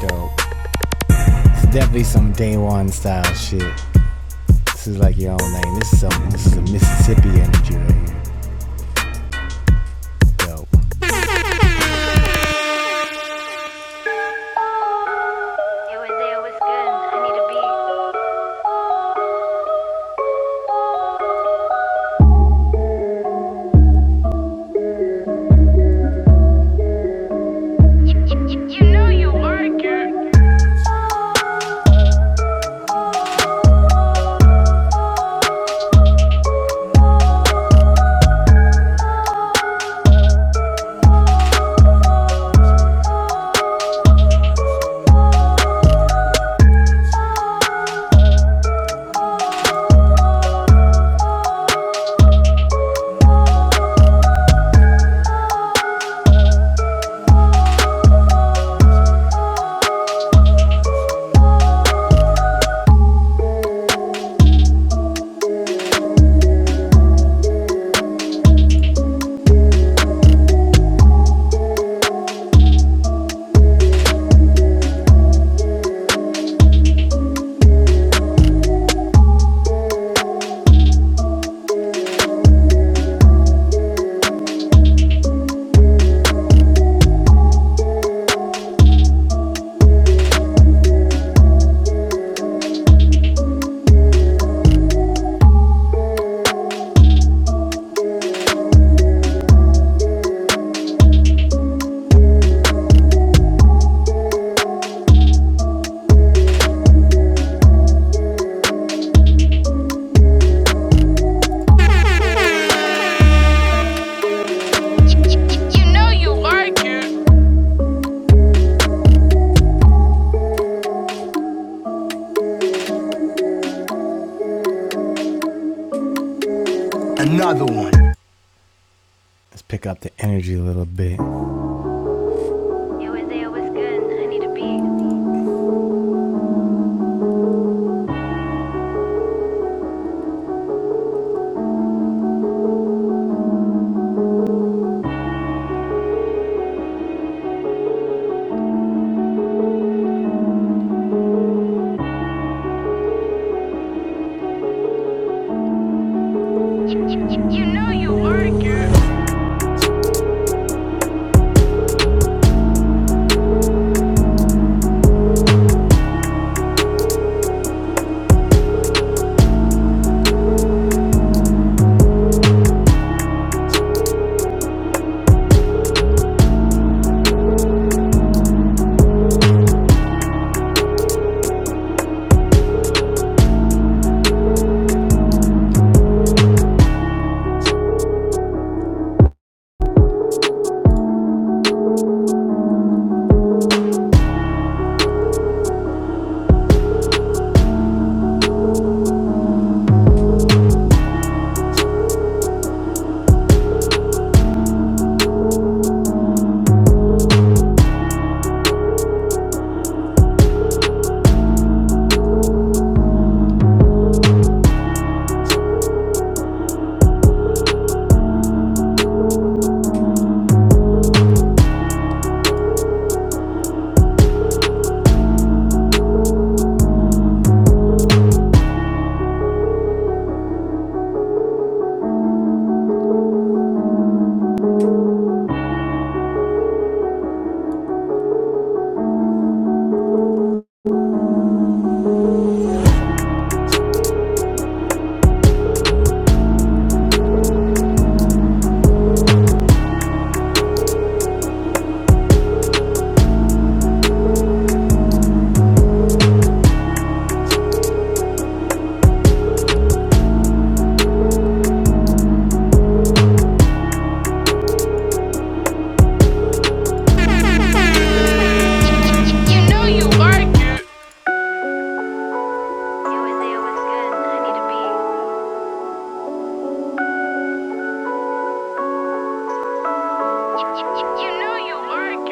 Speaker 1: dope. It's definitely some day one style shit. This is like your own lane. This is something. This is a Mississippi energy right here, dope. You were there was good. I need a beat. You, you, you know you like it. You, you, you know you like it. Another one. Let's pick up the energy a little bit. You were there was good. I need a beat. You, you, you, you know you like it. You, you, you know you like it. like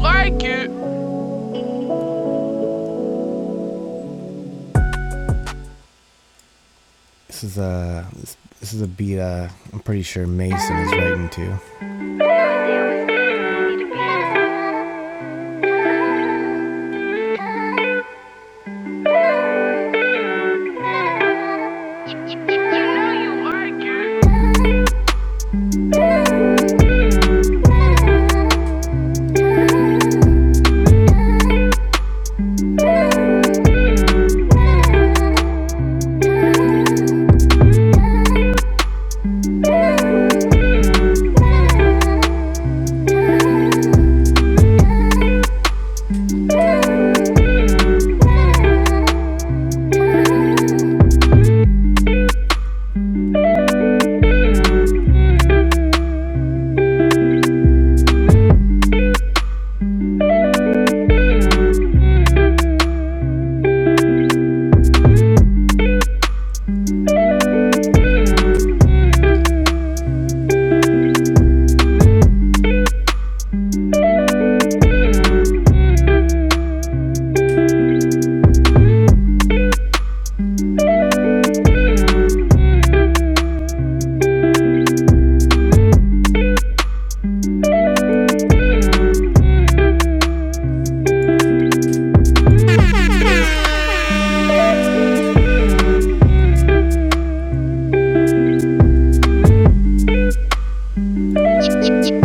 Speaker 1: like This is a this, this is a beat. Uh, I'm pretty sure Mason is writing to. You know you like it.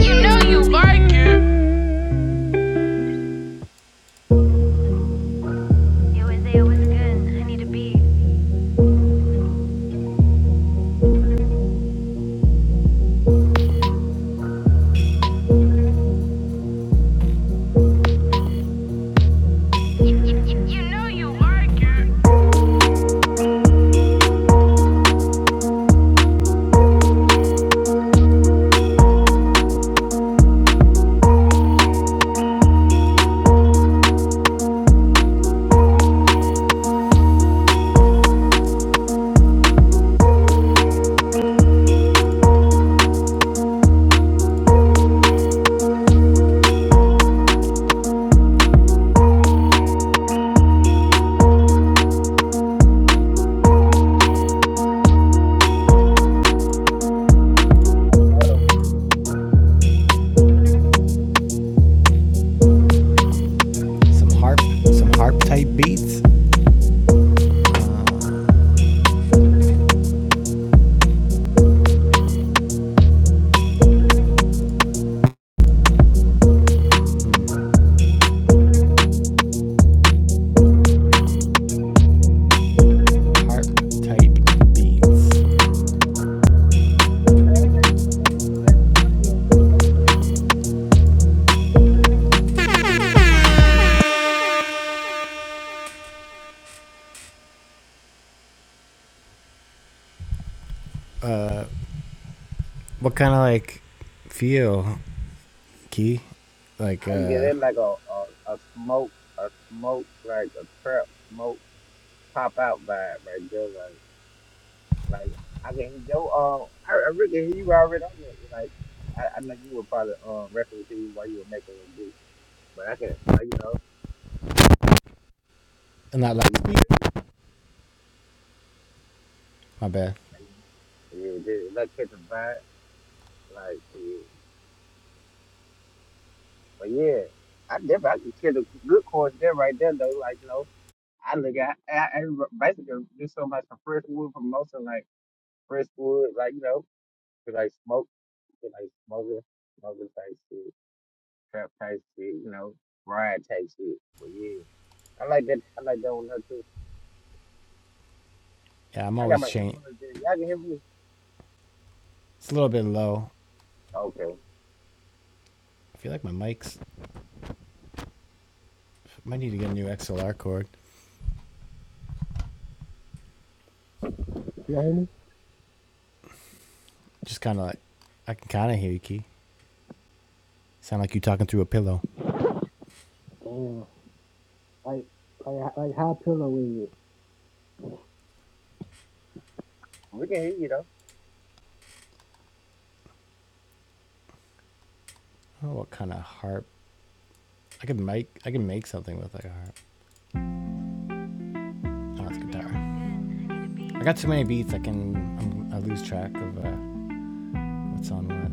Speaker 1: You know you like it. You and Leo was good. I need to be. You know you like it. Some harp, some harp type beats. Harp type beats. What kind of like feel, Key? Like uh, and that last beat, My bad. Yeah, I'm always chain. It's a little bit low. I feel like my mic's I might need to get a new XLR cord.
Speaker 2: Can y'all hear me?
Speaker 1: Just kind of like I can kind of hear you, Key. Sound like you talking through a pillow.
Speaker 2: Damn. Like, like, like, how pillow is it?
Speaker 1: Oh, what kind of harp? I could make I could make something with like a harp. Oh, that's guitar. I got too many beats. I can I'm, I lose track of uh, what's on what.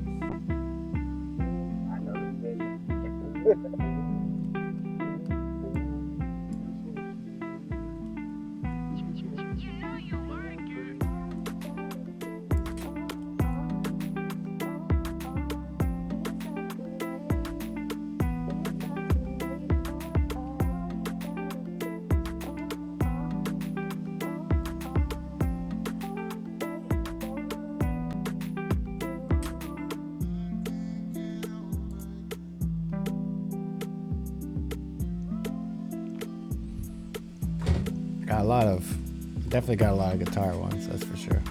Speaker 1: I got a lot of definitely got a lot of guitar ones. That's for sure.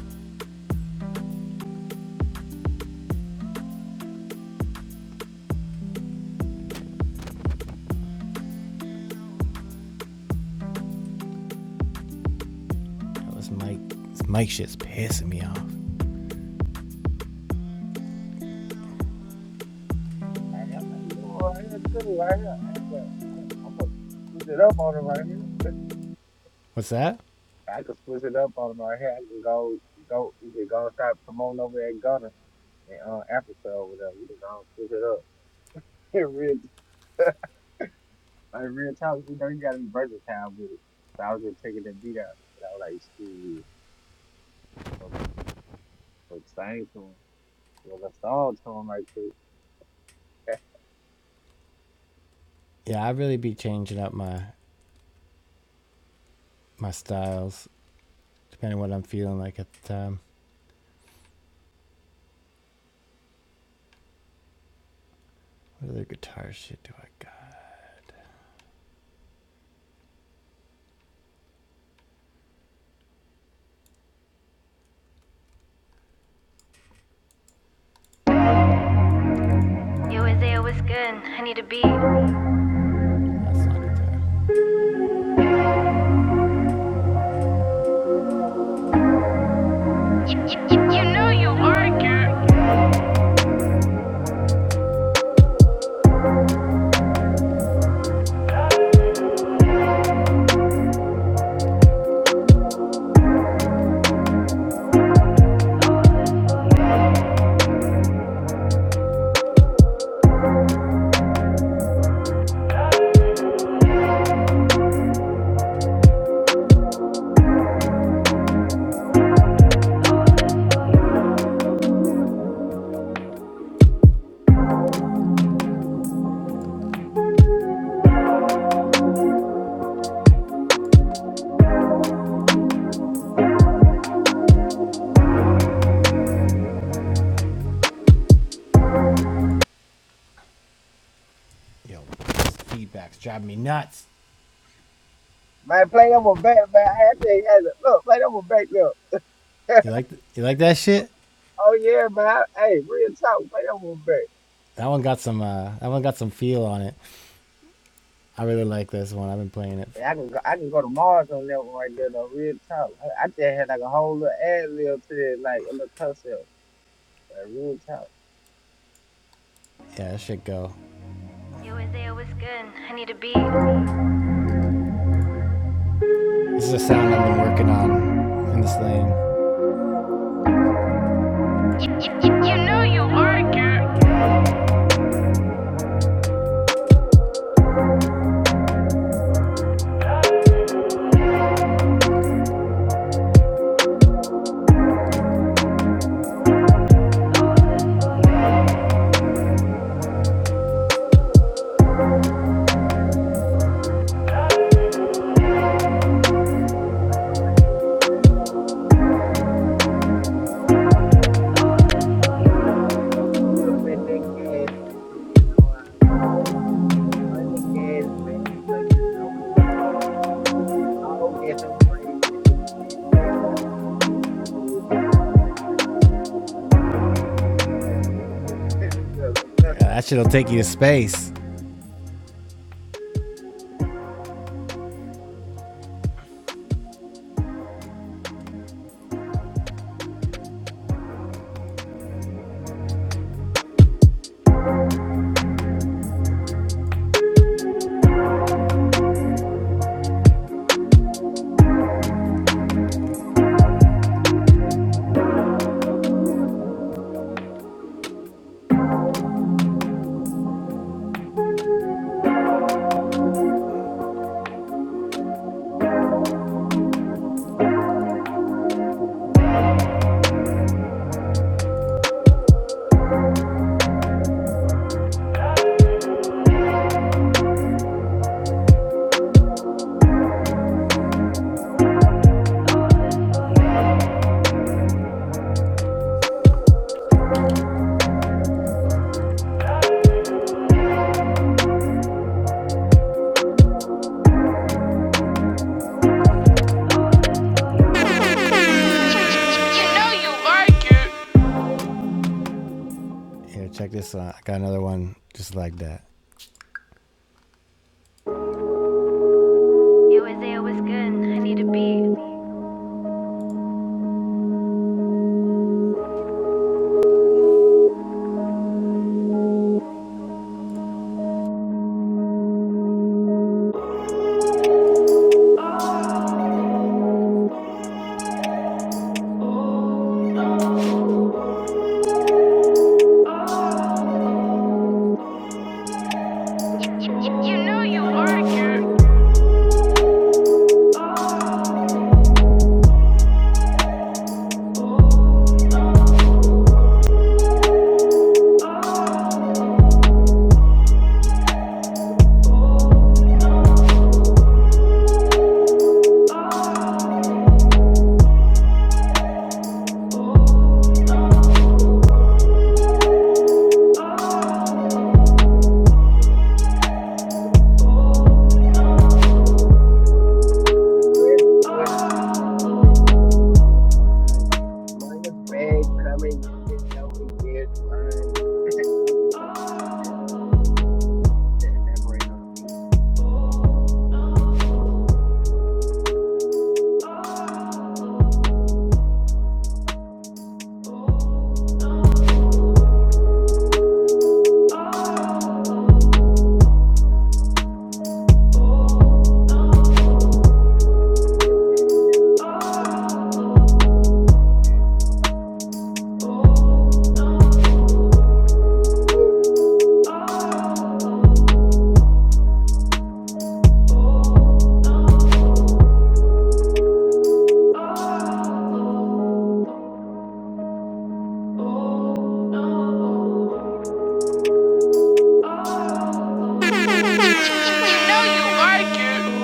Speaker 1: Oh, this mic this mic shit's pissing me off. What's that? Yeah, I really be changing up my my styles depending on what I'm feeling like at the time. What other guitar shit do I got? Yo, Isaiah, what's good? I need a beat. That's not guitar. You you you know you are good. Yo, this feedback's driving me nuts. You like you like that shit? That one got some uh that one got some feel on it. I really like this one. I've been playing it. Yeah, that shit go. Yo, Isaiah, what's good? I need a beat. This is a sound I've been working on in this lane. You you you know you are good. that shit'll take you to space. You know you like it. Here, check this one. I got another one just like that. Yo, Isaiah, what's good? I need a beat. You- know you like it. You know you like it.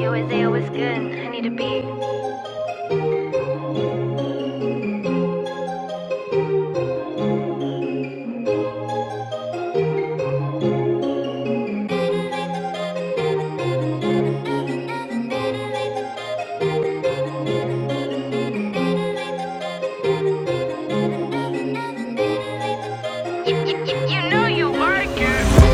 Speaker 1: Yo, Isaiah, what's good? I need a beat. You know you like it.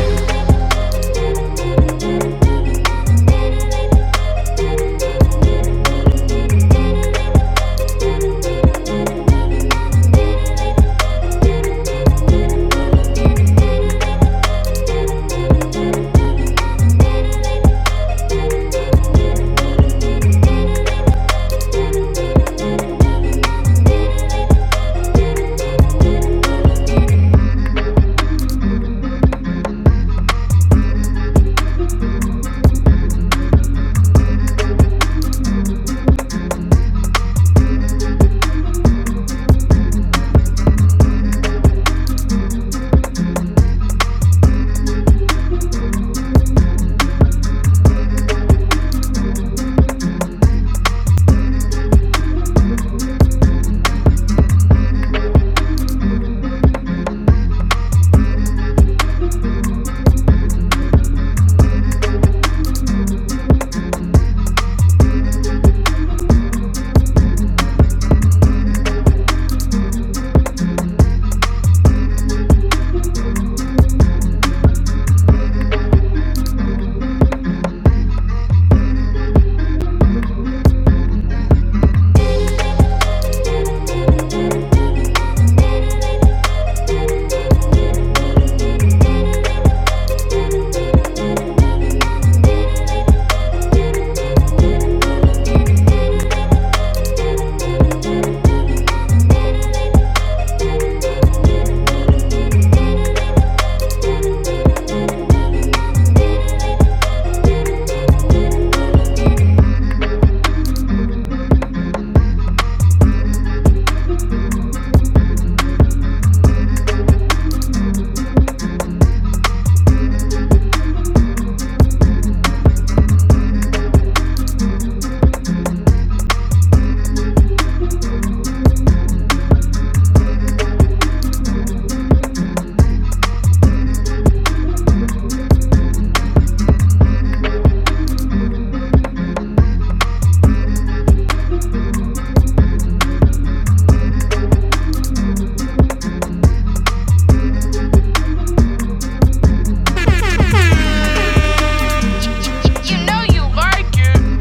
Speaker 1: You know you like it.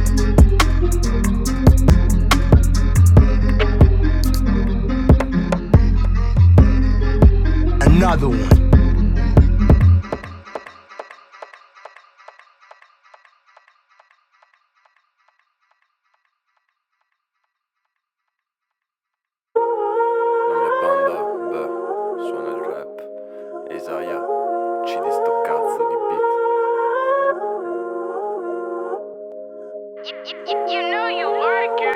Speaker 1: Another one. Non è rap. Isaiah, uccidi sto cazzo di beat. You know you like it.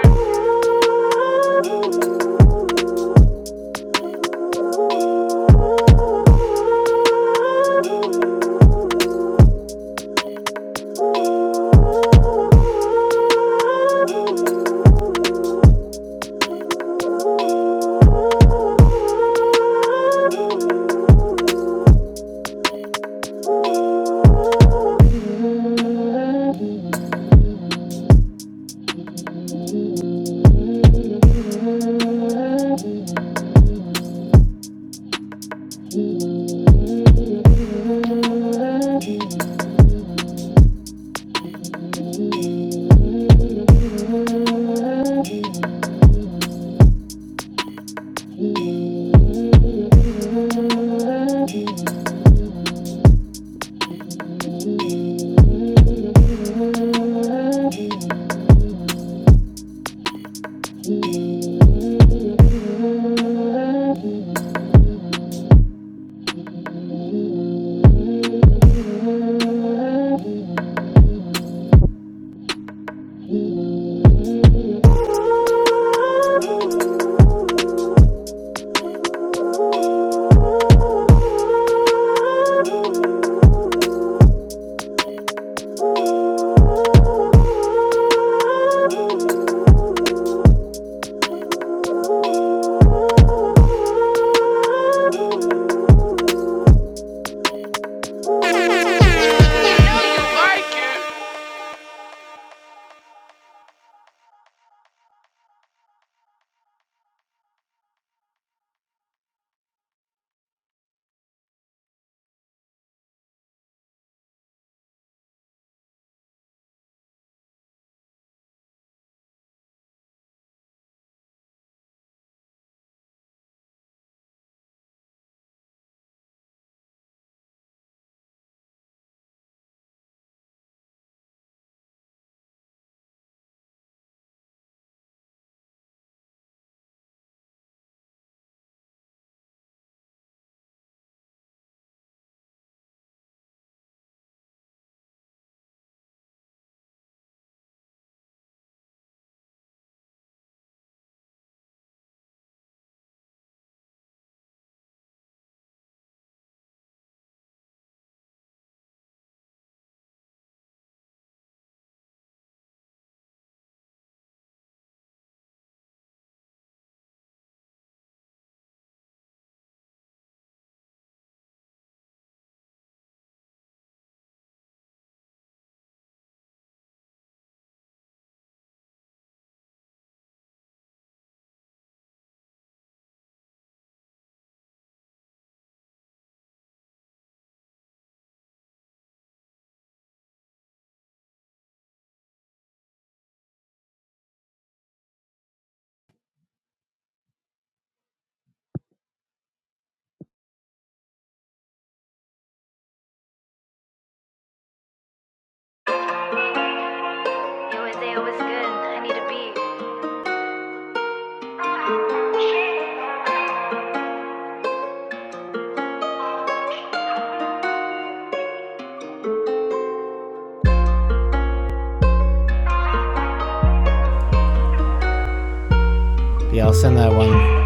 Speaker 1: Yeah, I'll send that one.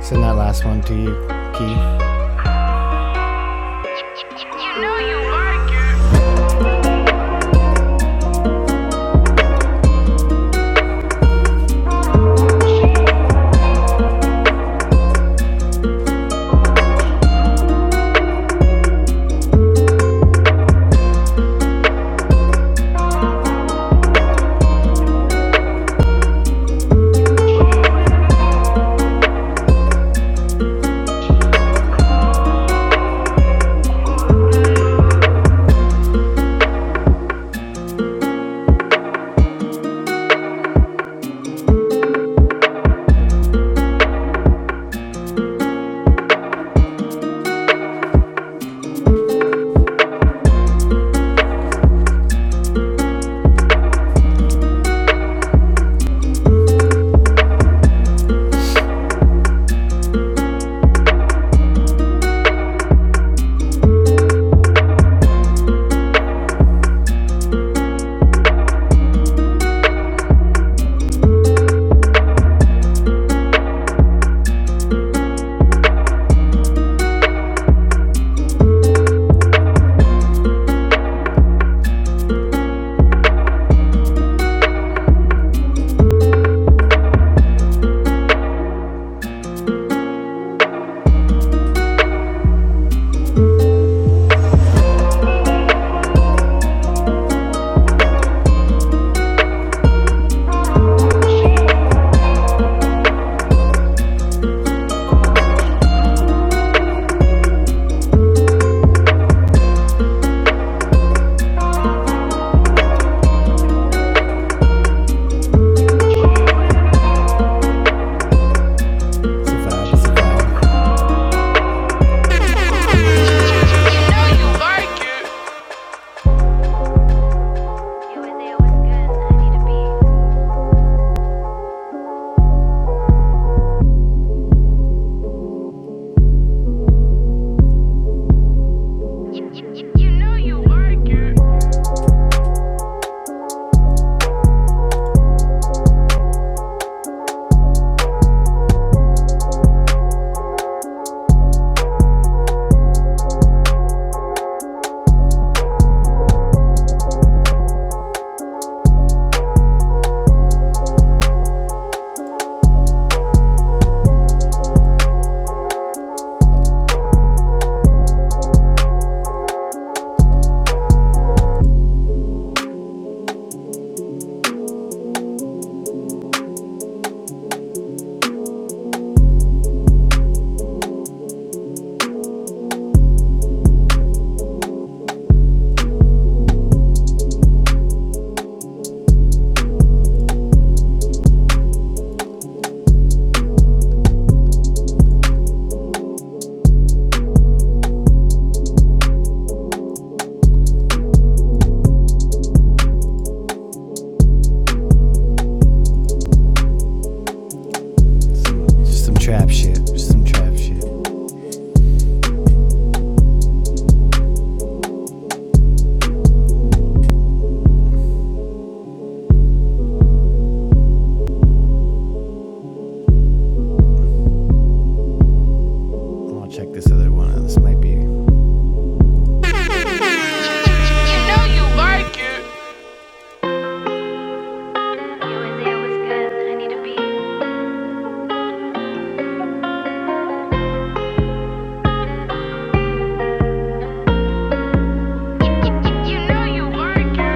Speaker 1: Send that last one to you, Key. You know you like it. It's a vibe. It's a vibe. You know you like it. It was it was good. I need a beat. You, you, you, know you like it. It's Just some trap shit. Just some trap shit. I'll check this other one. out. This might be. You know you like it. It was it was good. I need a beat. You know you like it.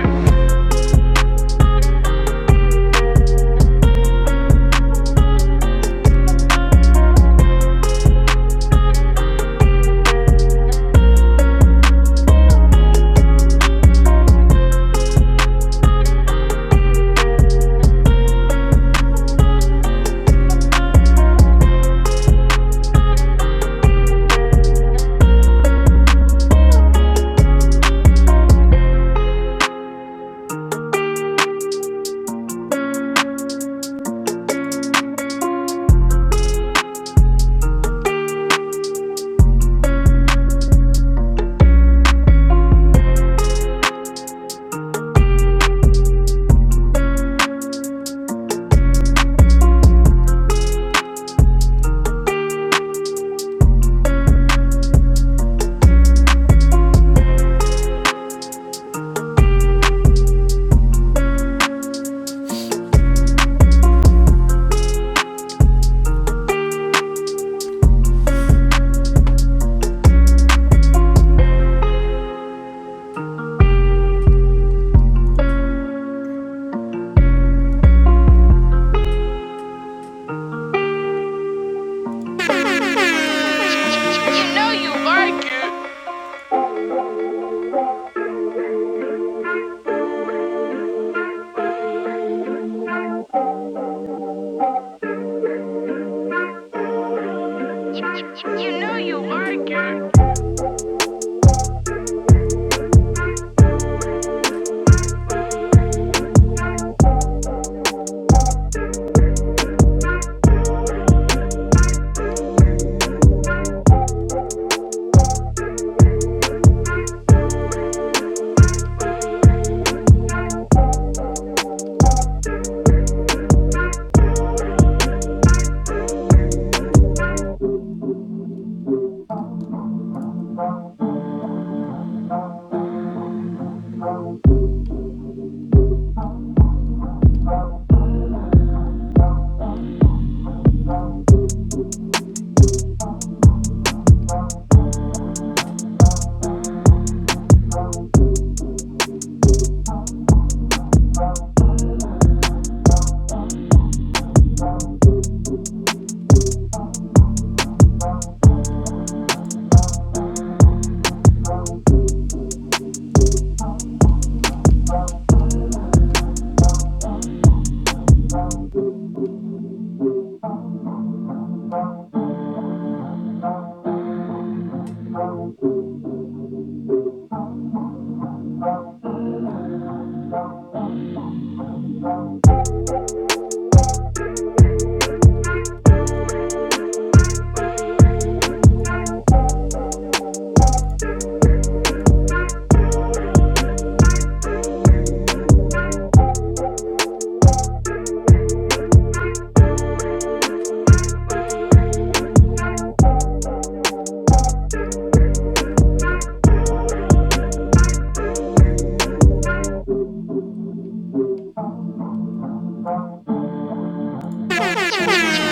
Speaker 1: You know you like it. You, you, you know you like it.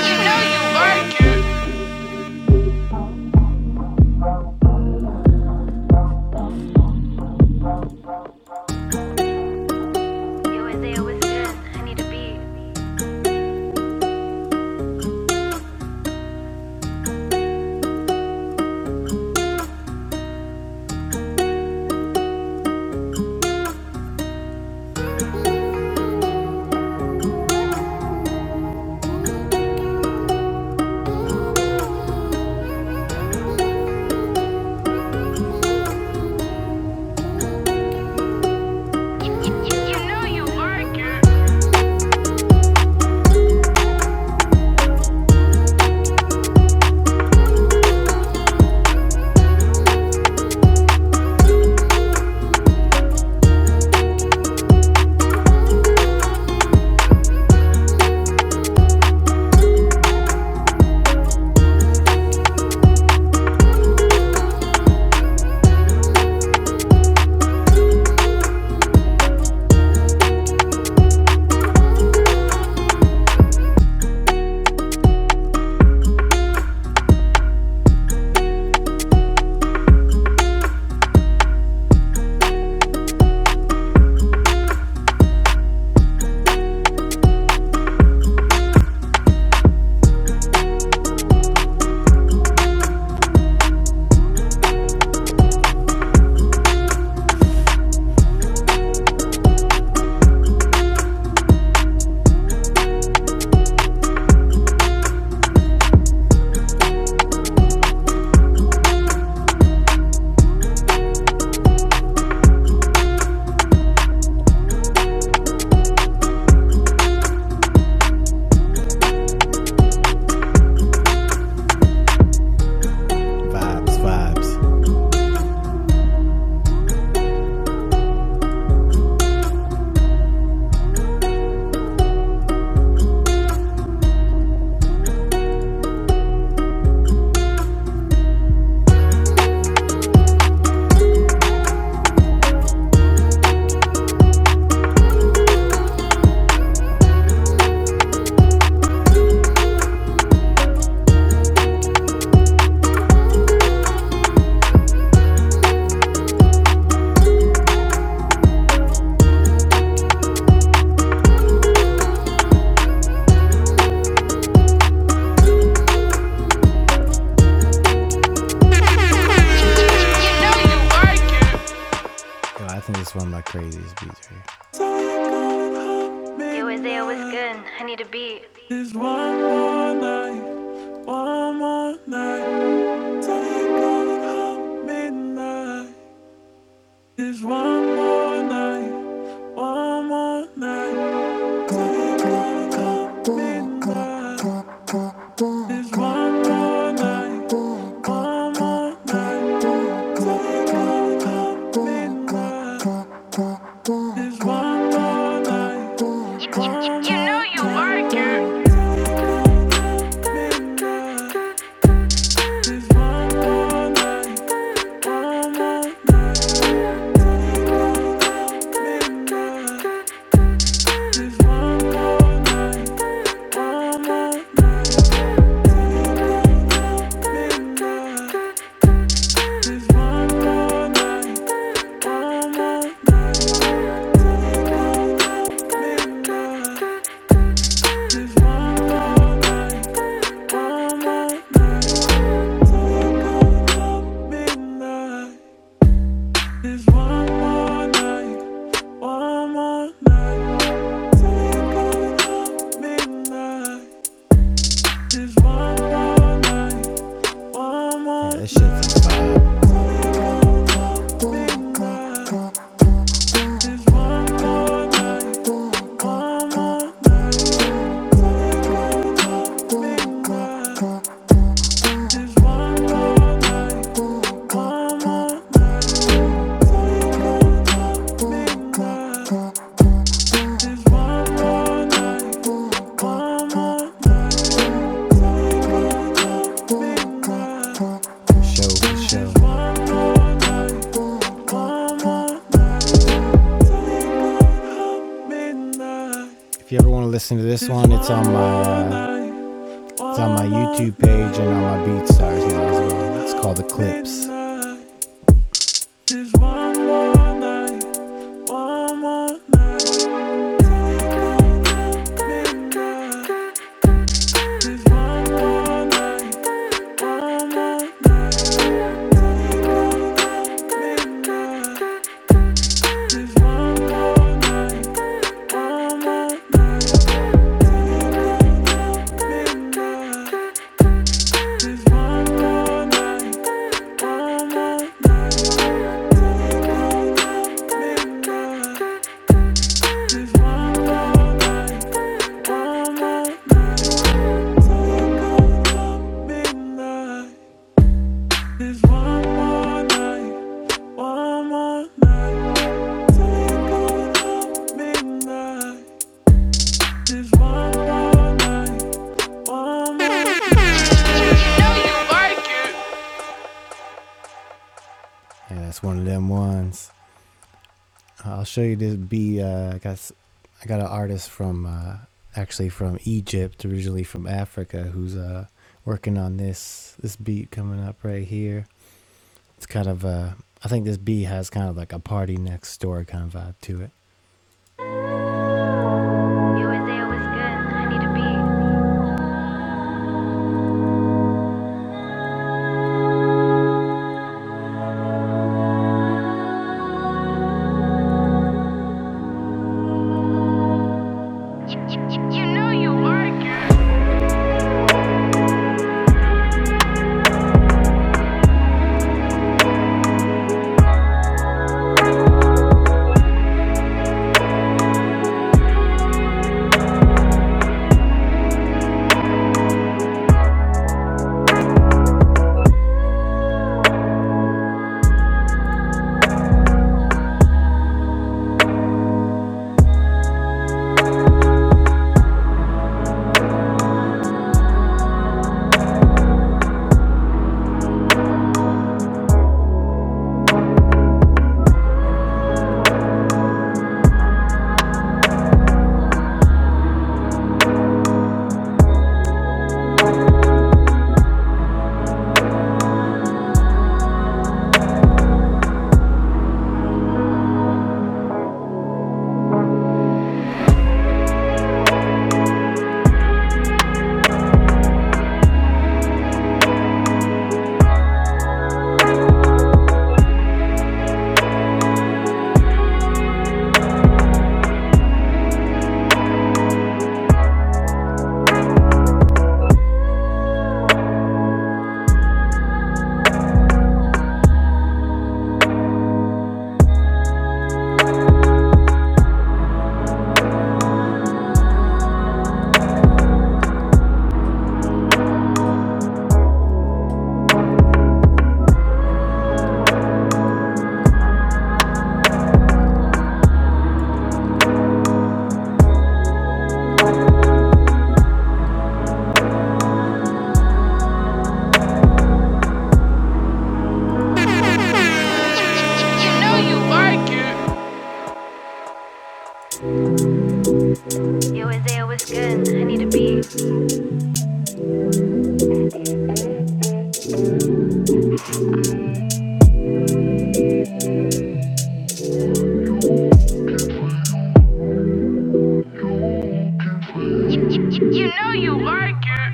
Speaker 1: You know you like it. Yo, Isaiah, what's good? I need a beat. Vibes, vibes. you know you like it. Yo, I think it's one of my craziest beats right here. Yo, Isaiah, what's good? I need a beat. midnight midnight is one more night, one more night. That shit's for show for show. If you ever want to listen to this one, it's on my uh, it's on my YouTube page and on my BeatStars now as well. It's called The Clips. You know you are girl. And that's one of them ones. I'll show you this bee. Uh, I got s- I got an artist from uh, actually from Egypt, originally from Africa, who's uh, working on this this beat coming up right here. It's kind of uh, I think this beat has kind of like a party next door kind of vibe to it. USA was good. I need a beat. You, you know you are good. You you, you know you are good. USA was good. I need a beat. You, you, you know you are good.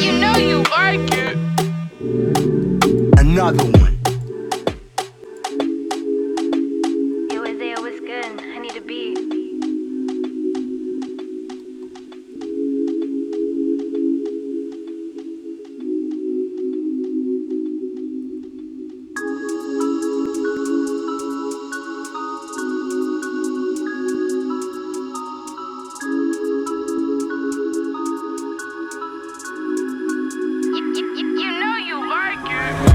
Speaker 1: You know you are cute. Another one. Yo, Isaiah, what's good? I need a beat. You, you, you, you know you like it.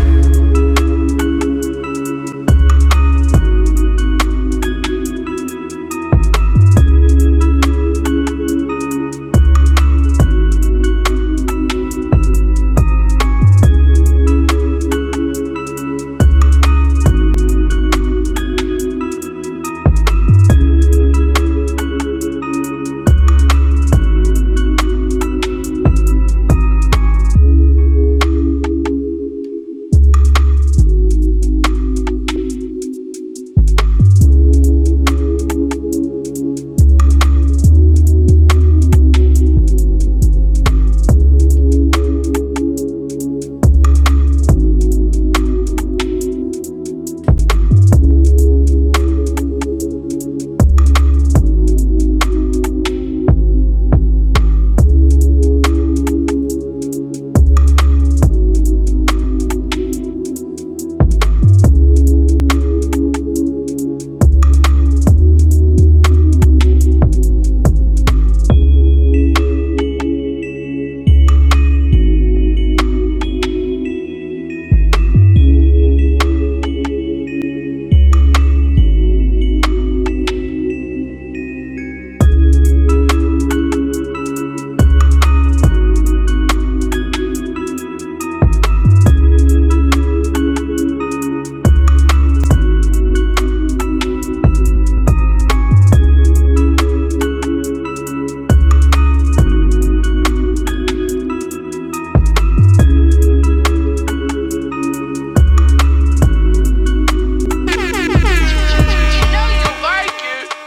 Speaker 1: You, you, you know you are cute.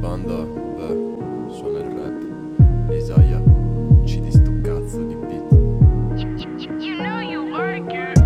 Speaker 1: Banda ve Soner Rap Ezaya Çilisto cazzo di beat You, know you like it.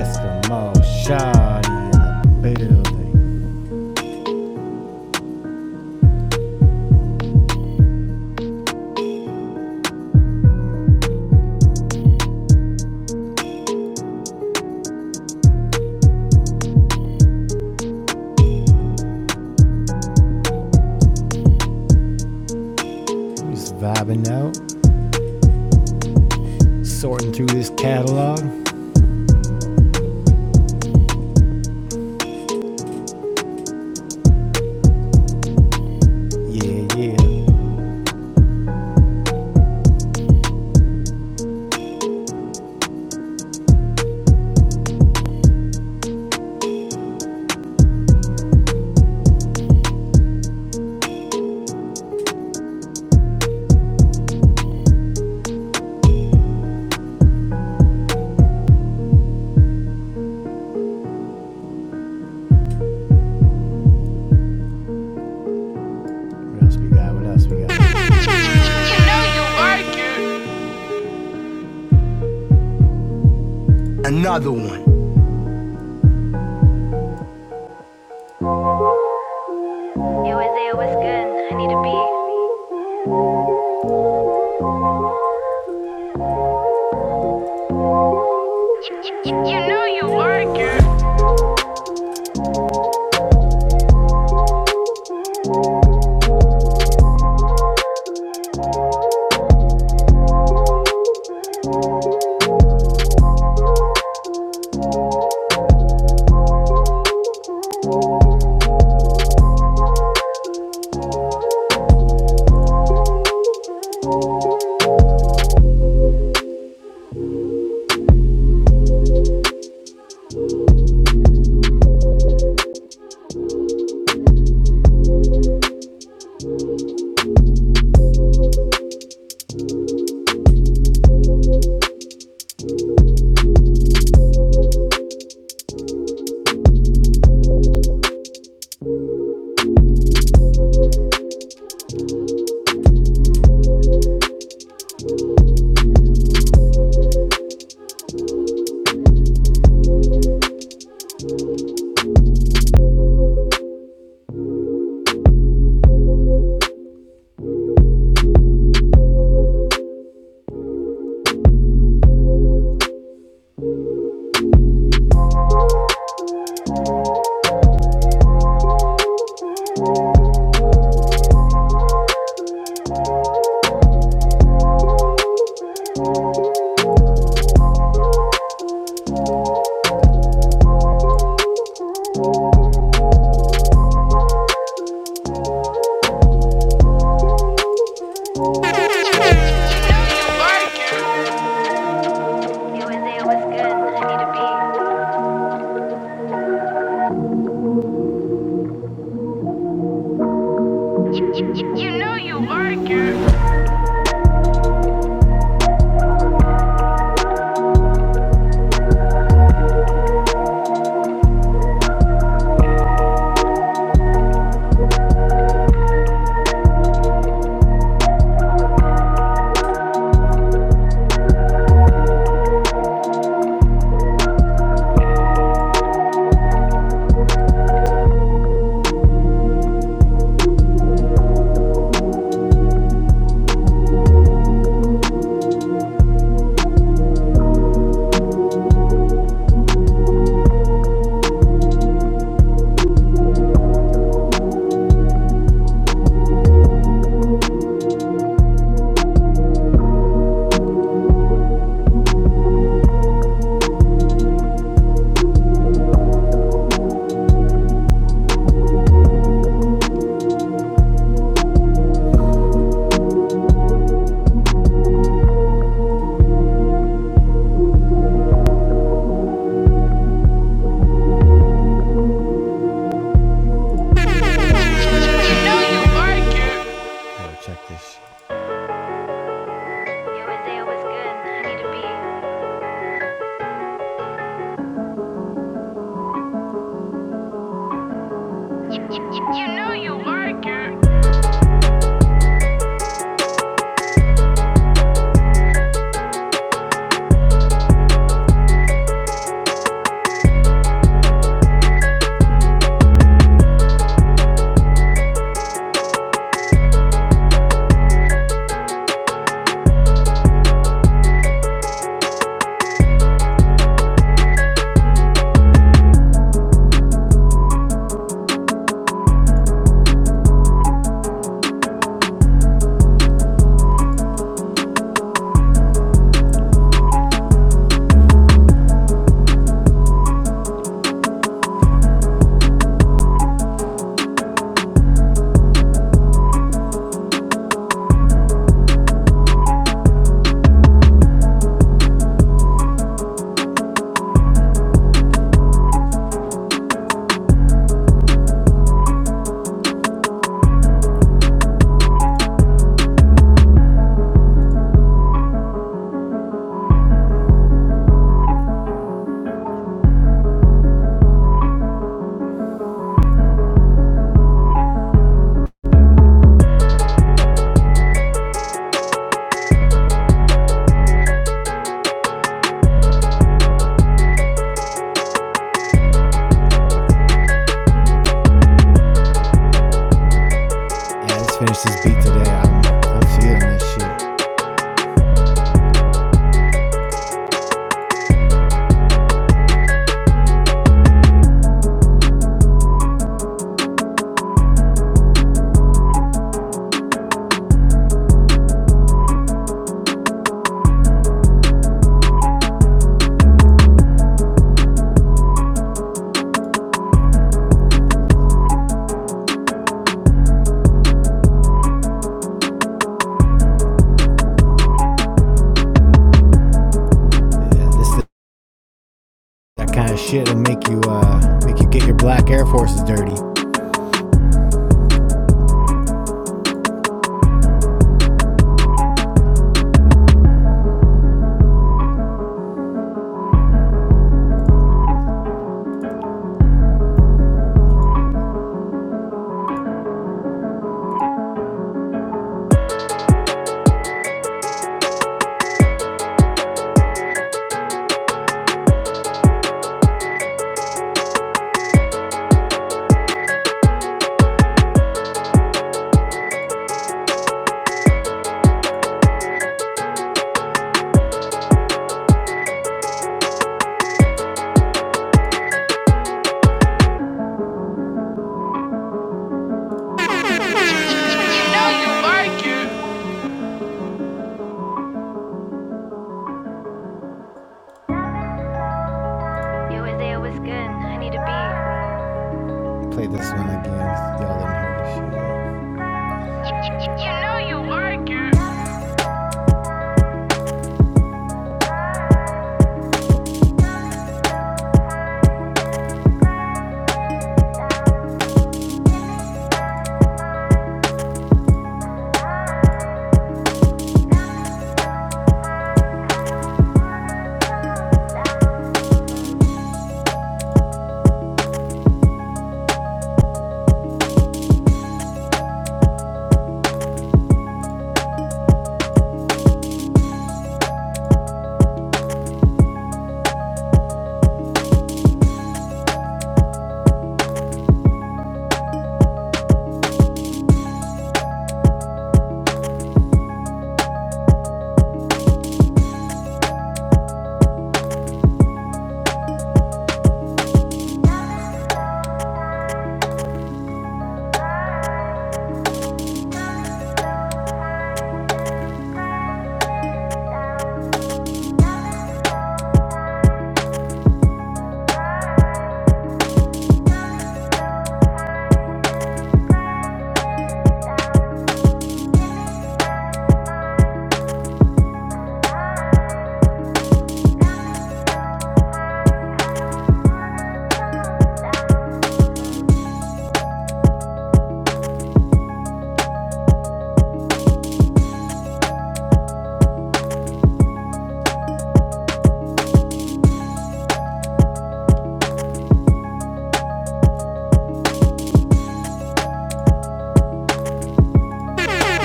Speaker 1: Eskimo shawty, in the building. Just vibing out, sorting through this catalog. Yeah, yeah. What else we got? What else we got? You know you like it. Another one. Yo, Isaiah, what's good? I need a beat. You, you- know you like it. You know you like it. Yo, Isaiah, what's good? I need a beat. You, know you like it. You know you like it. Yo, check this. Yo, Isaiah, what's good? I need a beat. You know you like it. Yeah, let's finish this beat today. I'm feeling this shit. Yeah, this is that kind of shit will make you uh make you get your black Air Forces dirty. know you like it. Yo, Isaiah, what's good? I need a beat. Play this one again. Y'all didn't hear this shit. You, you- you know you like it. You know you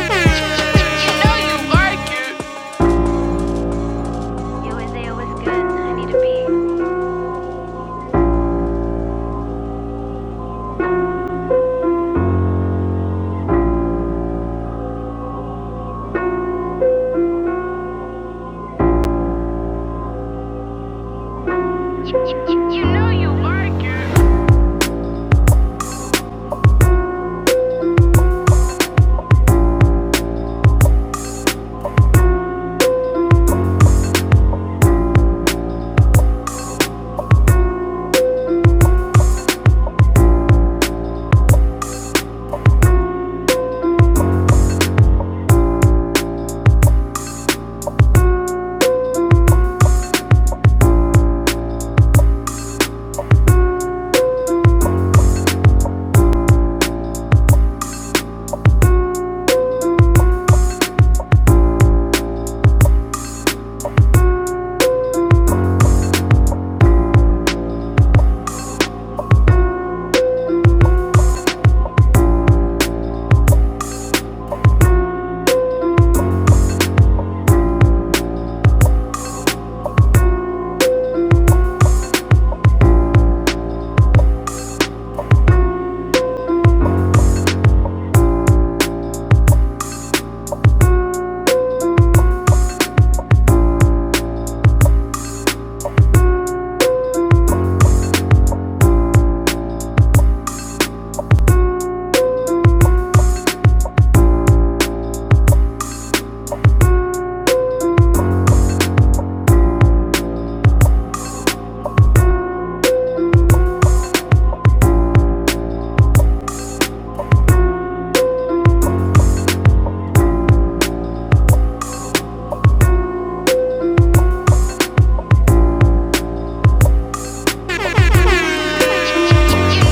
Speaker 1: like it. Yo, Isaiah, what's good? I need a beat. You, you- you know you like it. You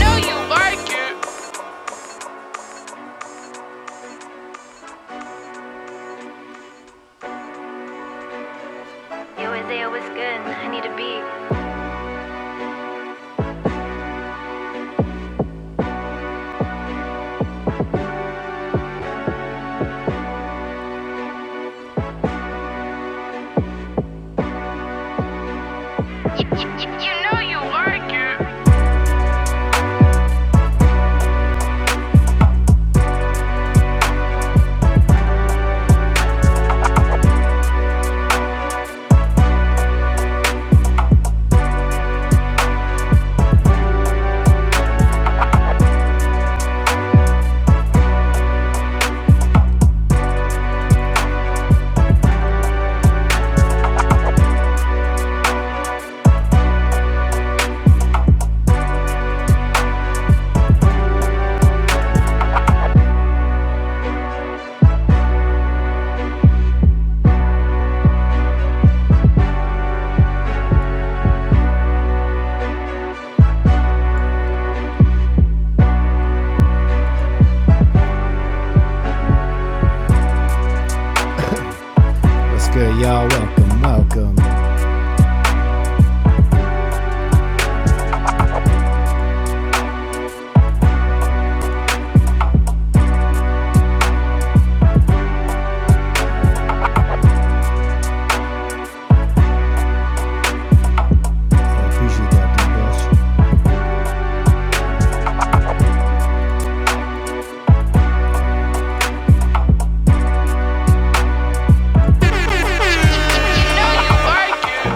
Speaker 1: know you like it. Yo, Isaiah, what's good? I need a beat. You, you- you know you like it. What's good, y'all? Welcome, welcome. I appreciate that, dude. You know you like it.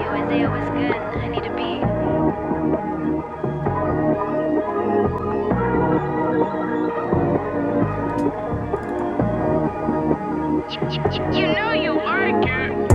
Speaker 1: Isaiah was good. I need to be. You, you, you know you are good.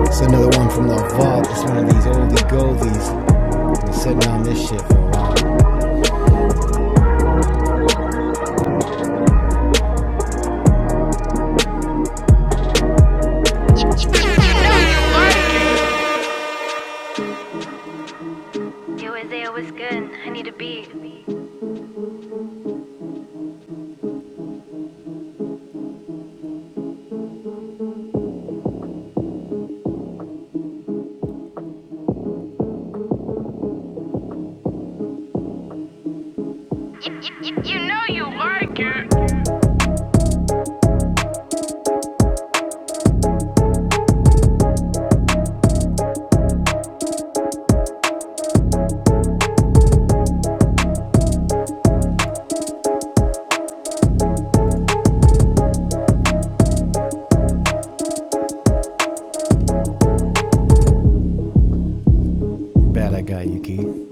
Speaker 1: It's another one from the vault. It's one of these oldie goldies. Been sitting on this shit for a while. I know You are, girl. Yo, Isaiah was good. I need to be. You, you, you, know you are good. Bad I got you, Key.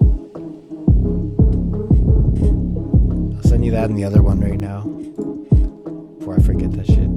Speaker 1: I'll send you that and the other one right now before I forget that shit. You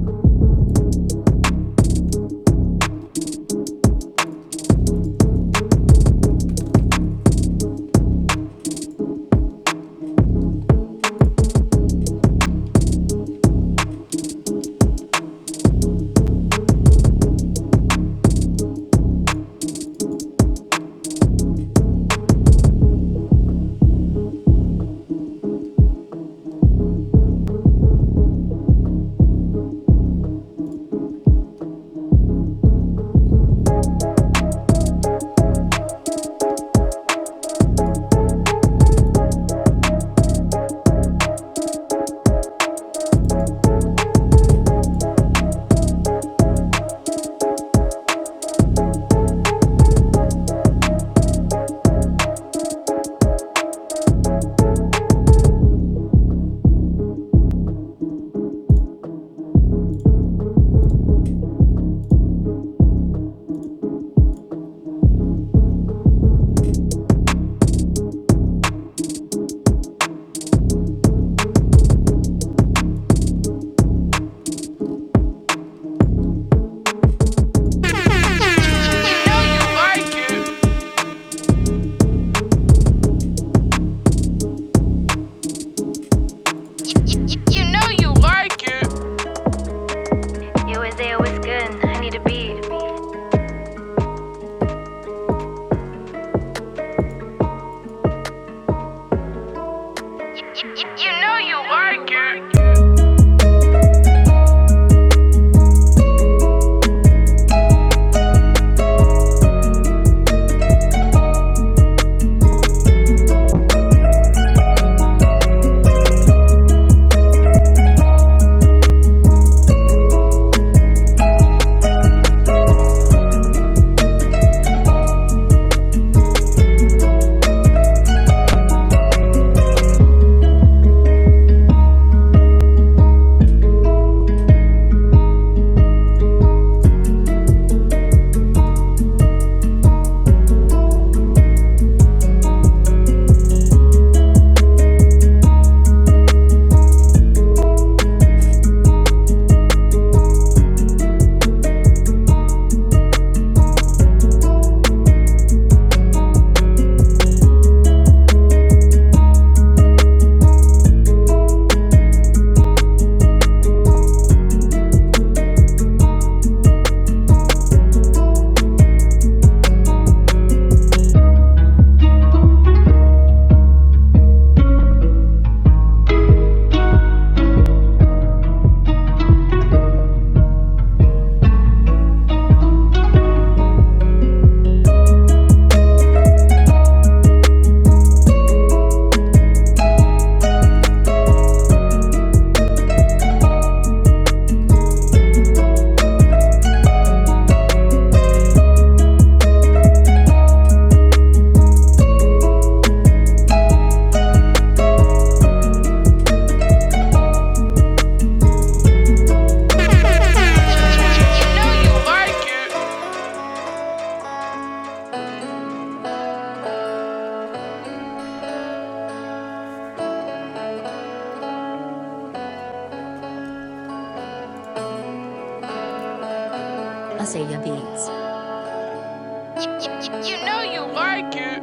Speaker 1: know you are good. You, you, you, know you are good. You Isaiah was good. I need to be. You, you, you know you are good. You know you like it.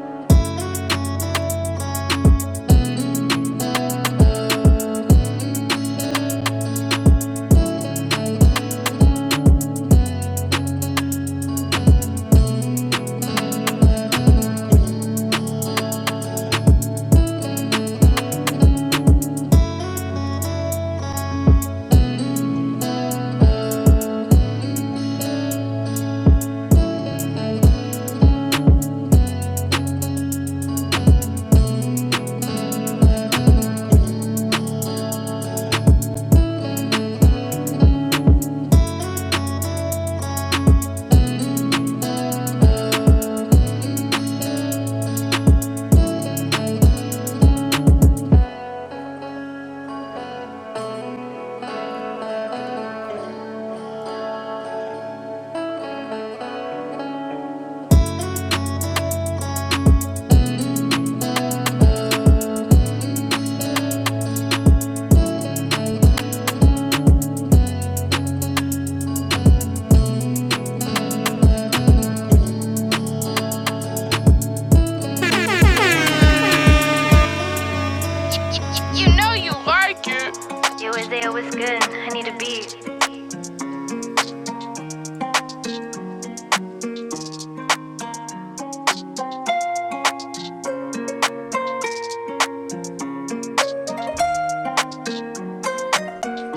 Speaker 1: You know you like it. You know you like it. Yo, Isaiah, what's good? I need a beat.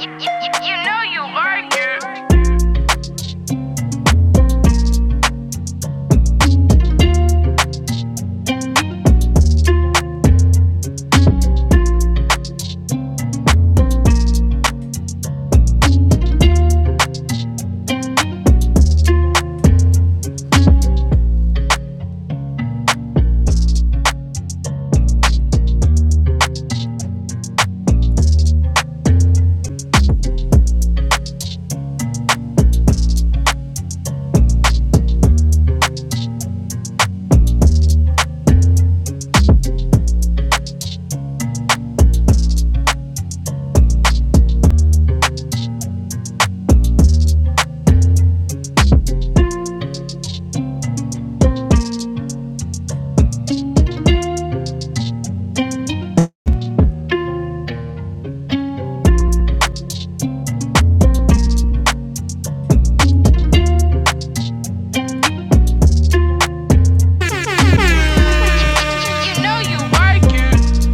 Speaker 1: You know you like it. You know you like it.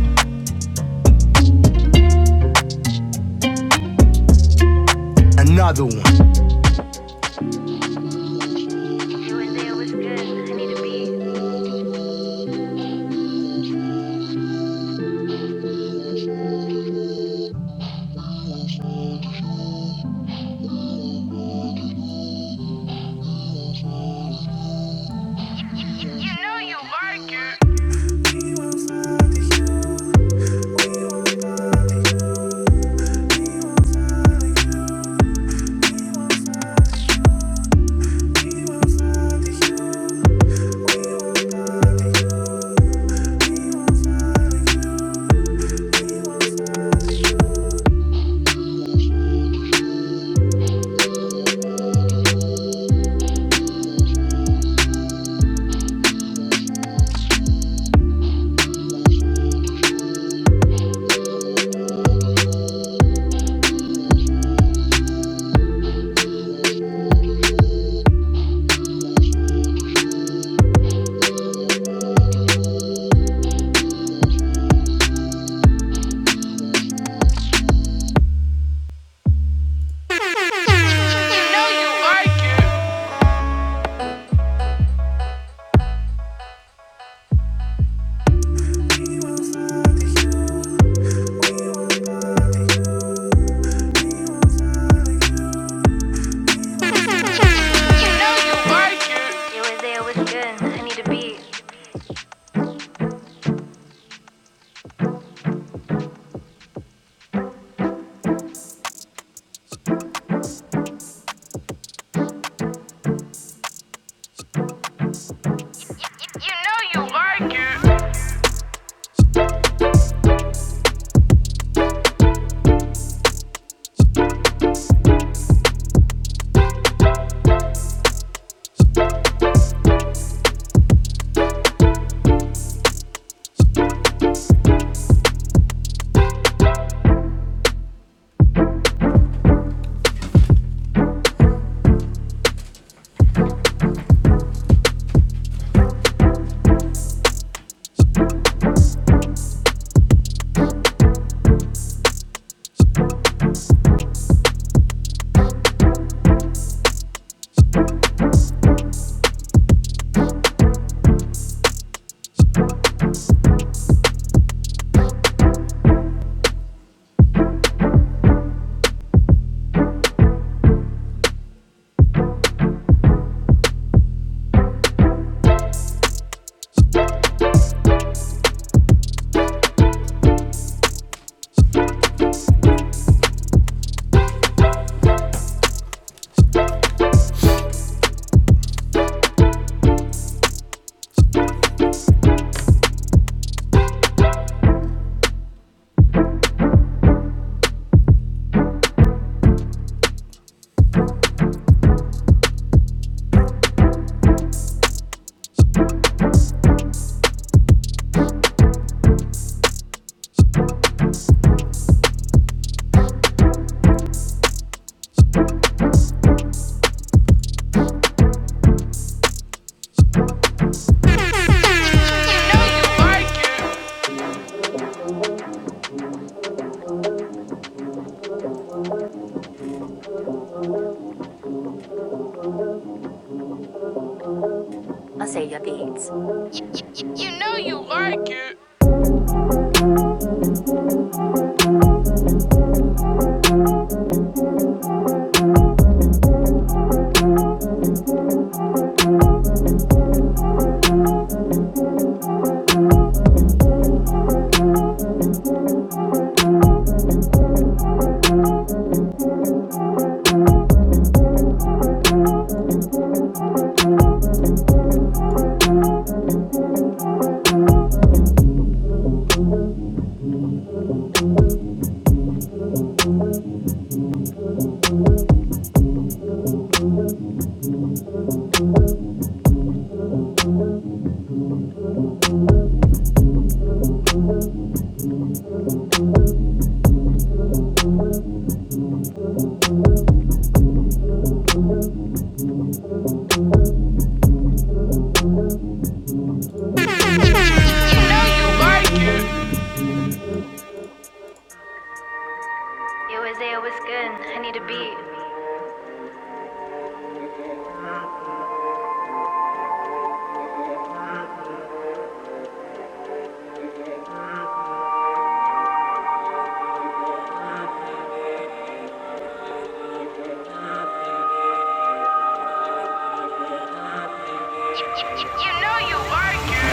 Speaker 1: Another one. Yo, Isaiah, what's good? I need a beat. You know you like it. You know you like it. You like Isaiah, what's good? I need a beat. You know you like it. You know you like it. I'll save your beats. You know you like it. You know you like it. Yo, Isaiah, what's good? I need a beat. You know you like it.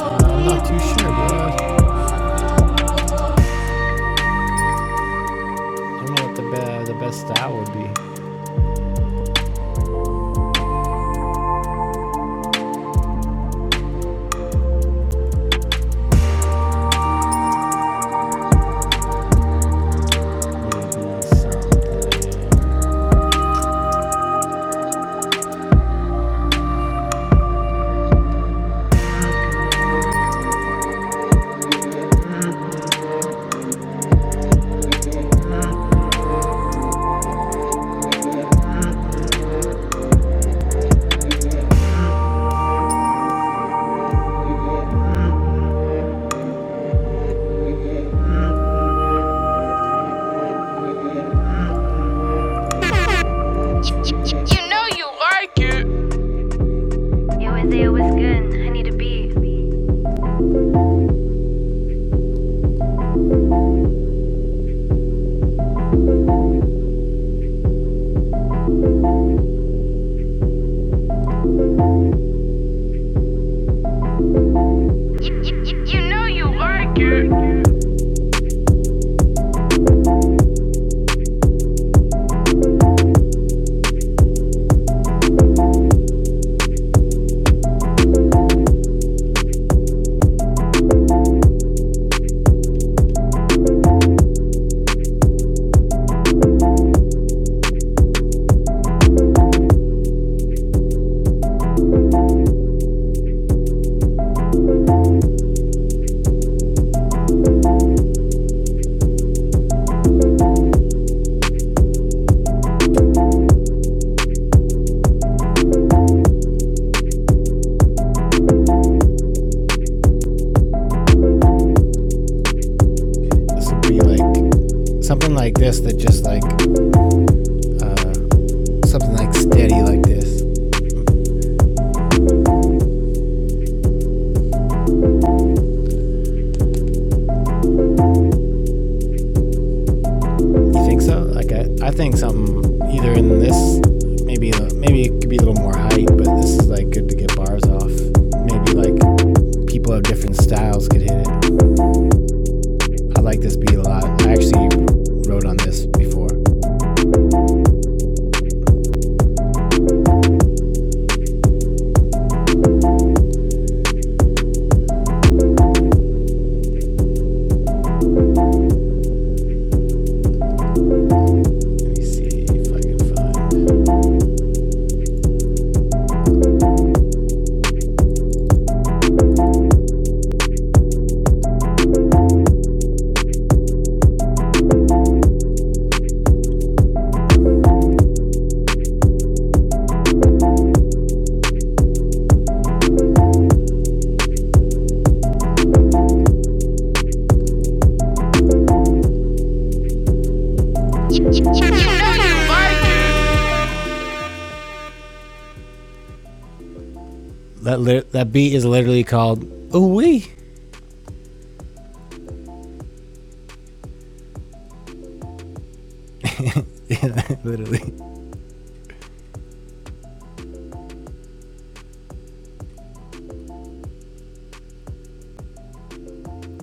Speaker 1: am not too sure, bro. I don't know what the, be- the best style would be. Really, you know, so- You know you like it. Yo, Isaiah, what's good? I need a beat. You, you, you, you know you like it. This would be like something like this that just like uh, something like steady like this. You think so? Like I, I think something either in this, maybe a- maybe it could be a little more height, but this is like good to get bars off. Maybe like people of different styles could hit it. I like this beat a lot. I actually wrote on this before. Let me see if I can find. it. That lit that beat is literally called ooh wee. literally,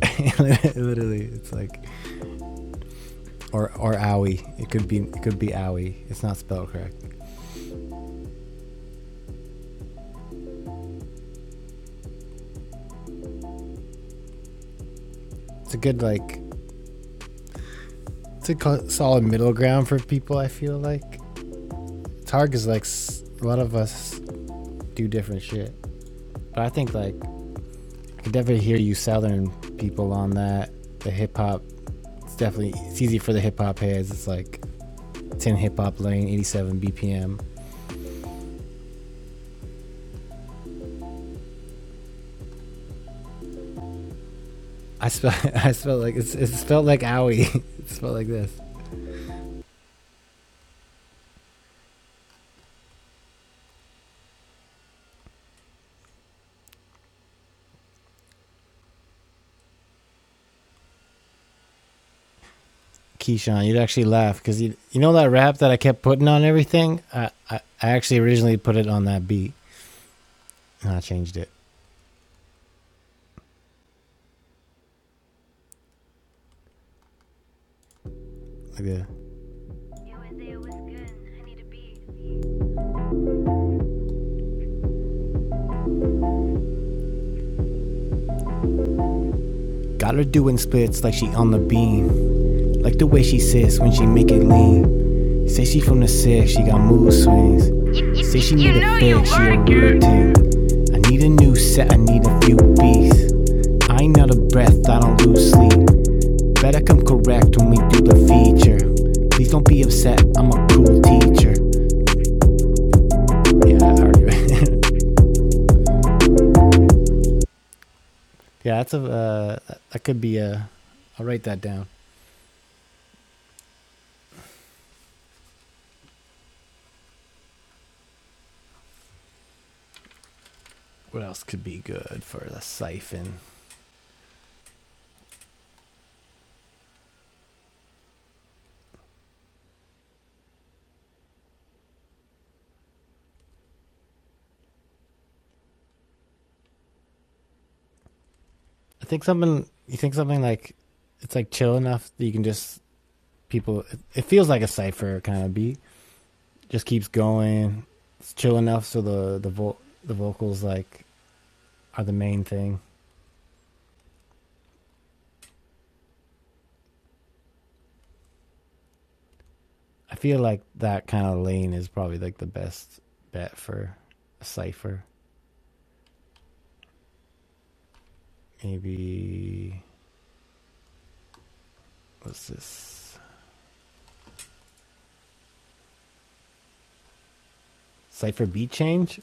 Speaker 1: literally, it's like or or owie. It could be it could be owie. It's not spelled correct. It's a good like It's a solid middle ground for people. I feel like it's hard because like a lot of us do different shit. But I think like I could definitely hear you Southern people on that. The hip hop, it's definitely it's easy for the hip hop heads. It's like it's in hip hop lane, 87 BPM. I spell I spelled like it's it's spelled like owie. It's spelled like this. Keyshawn, you'd actually laugh because you you know that rap that I kept putting on everything. I, I I actually originally put it on that beat and I changed it. Like, yeah. Got her doing splits like she on the beam. Like the way she sits when she make it lean. Say she from the six, she got mood swings. Say she need a fix, she a real ting. I need a new set, I need a few beats. I ain't out of breath, I don't lose sleep. Better come correct when we do the feature. Please don't be upset, I'm a cool teacher. Yeah, I already. yeah, that's a. Uh, that could be a. I'll write that down. What else could be good for the siphon? I think something. You think something like it's like chill enough that you can just people. It, feels like a cipher kind of beat. Just keeps going. It's chill enough so the the vo- the vocals like are the main thing. I feel like that kind of lane is probably like the best bet for a cipher. Maybe what's this cipher beat change?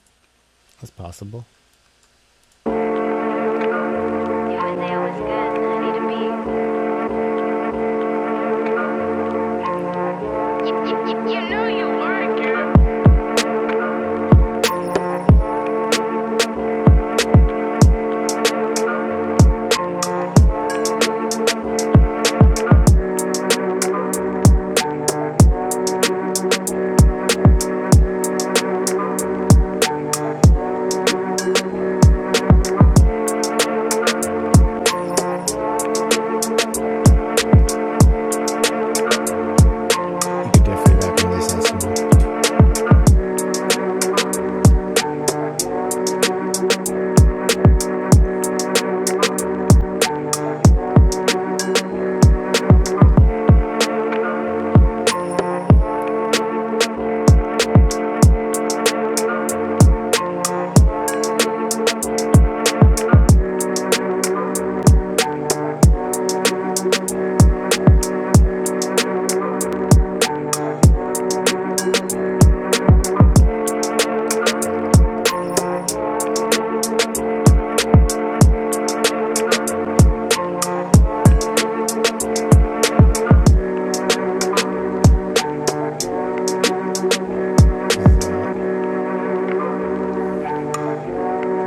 Speaker 1: That's possible. You could definitely recommend this well.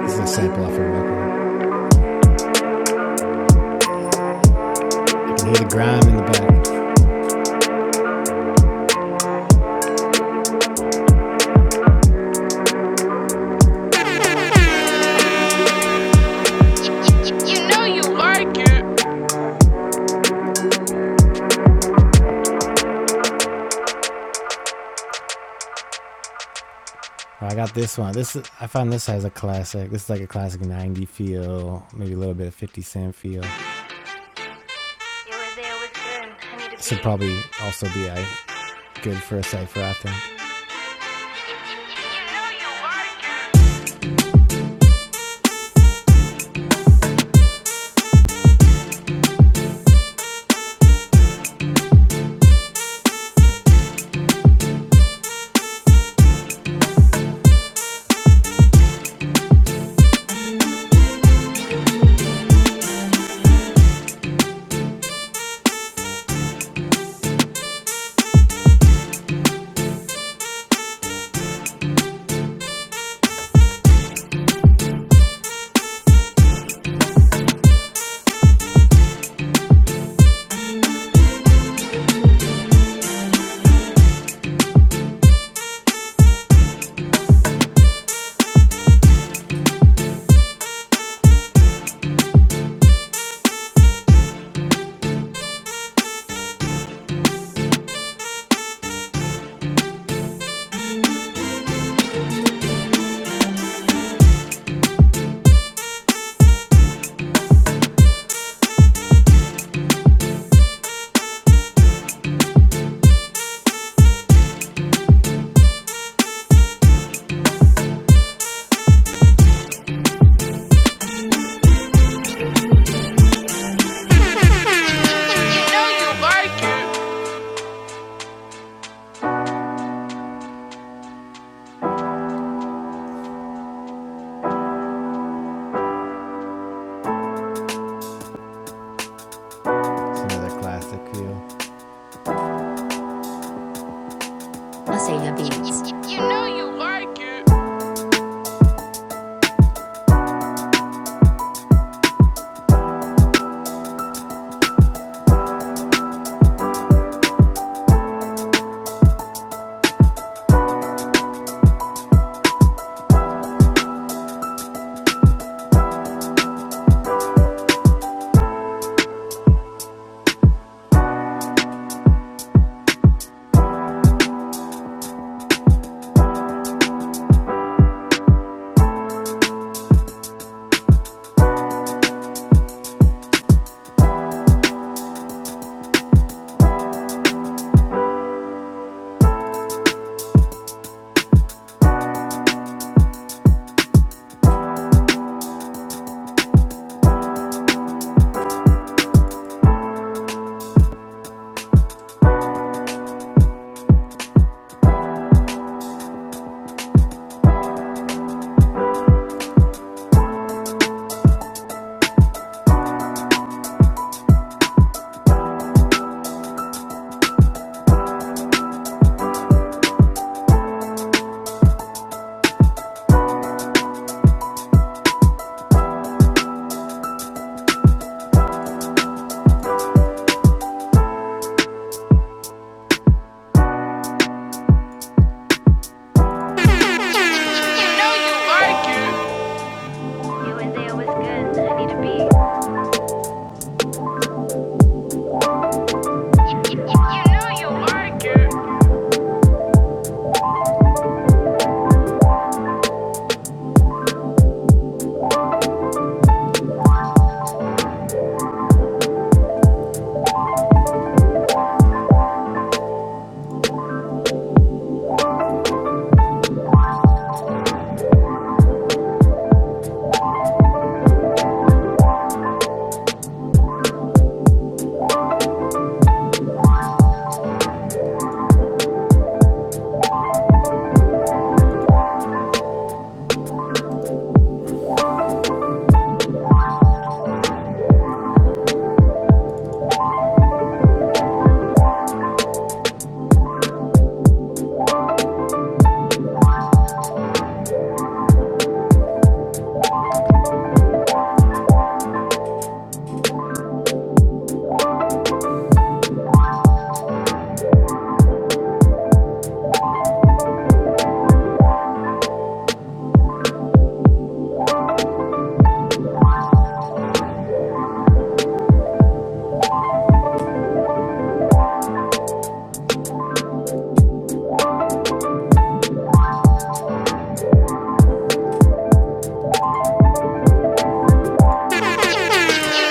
Speaker 1: It's a sample off a record. You can hear the grime in the back. You know you like it. Oh, I got this one. This is, I found this as a classic. This is like a classic 90 feel, maybe a little bit of 50 Cent feel. This would probably also be a good for a cipher, I think. You know you like it. You know you like it. It's another classic feel. You know you like it. You know you like it. You were there was good. I need a beat. You know you like it.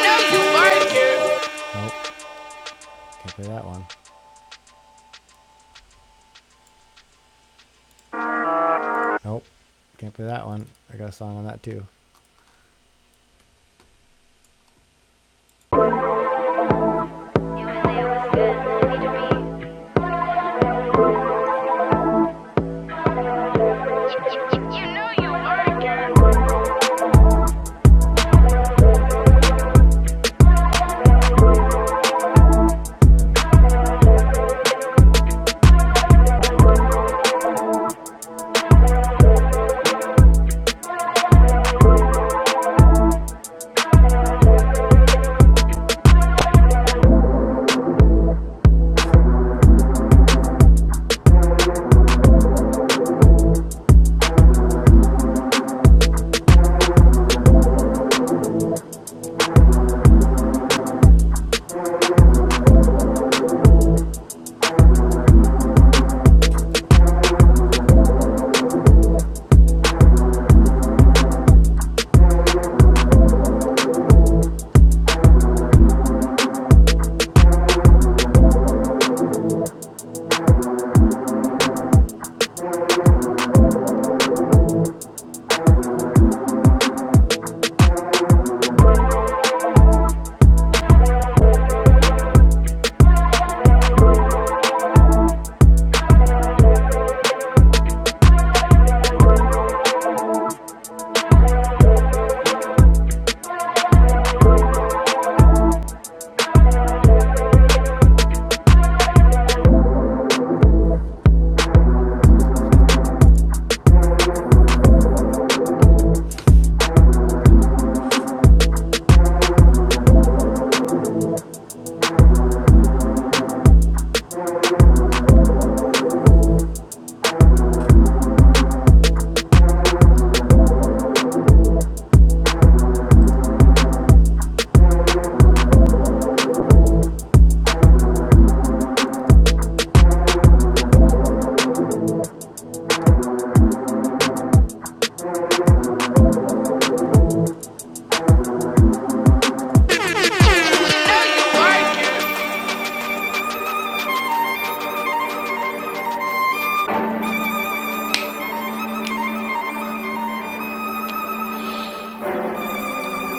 Speaker 1: Nope, can't play that one. Nope, can't play that one. I got a song on that too. you know you know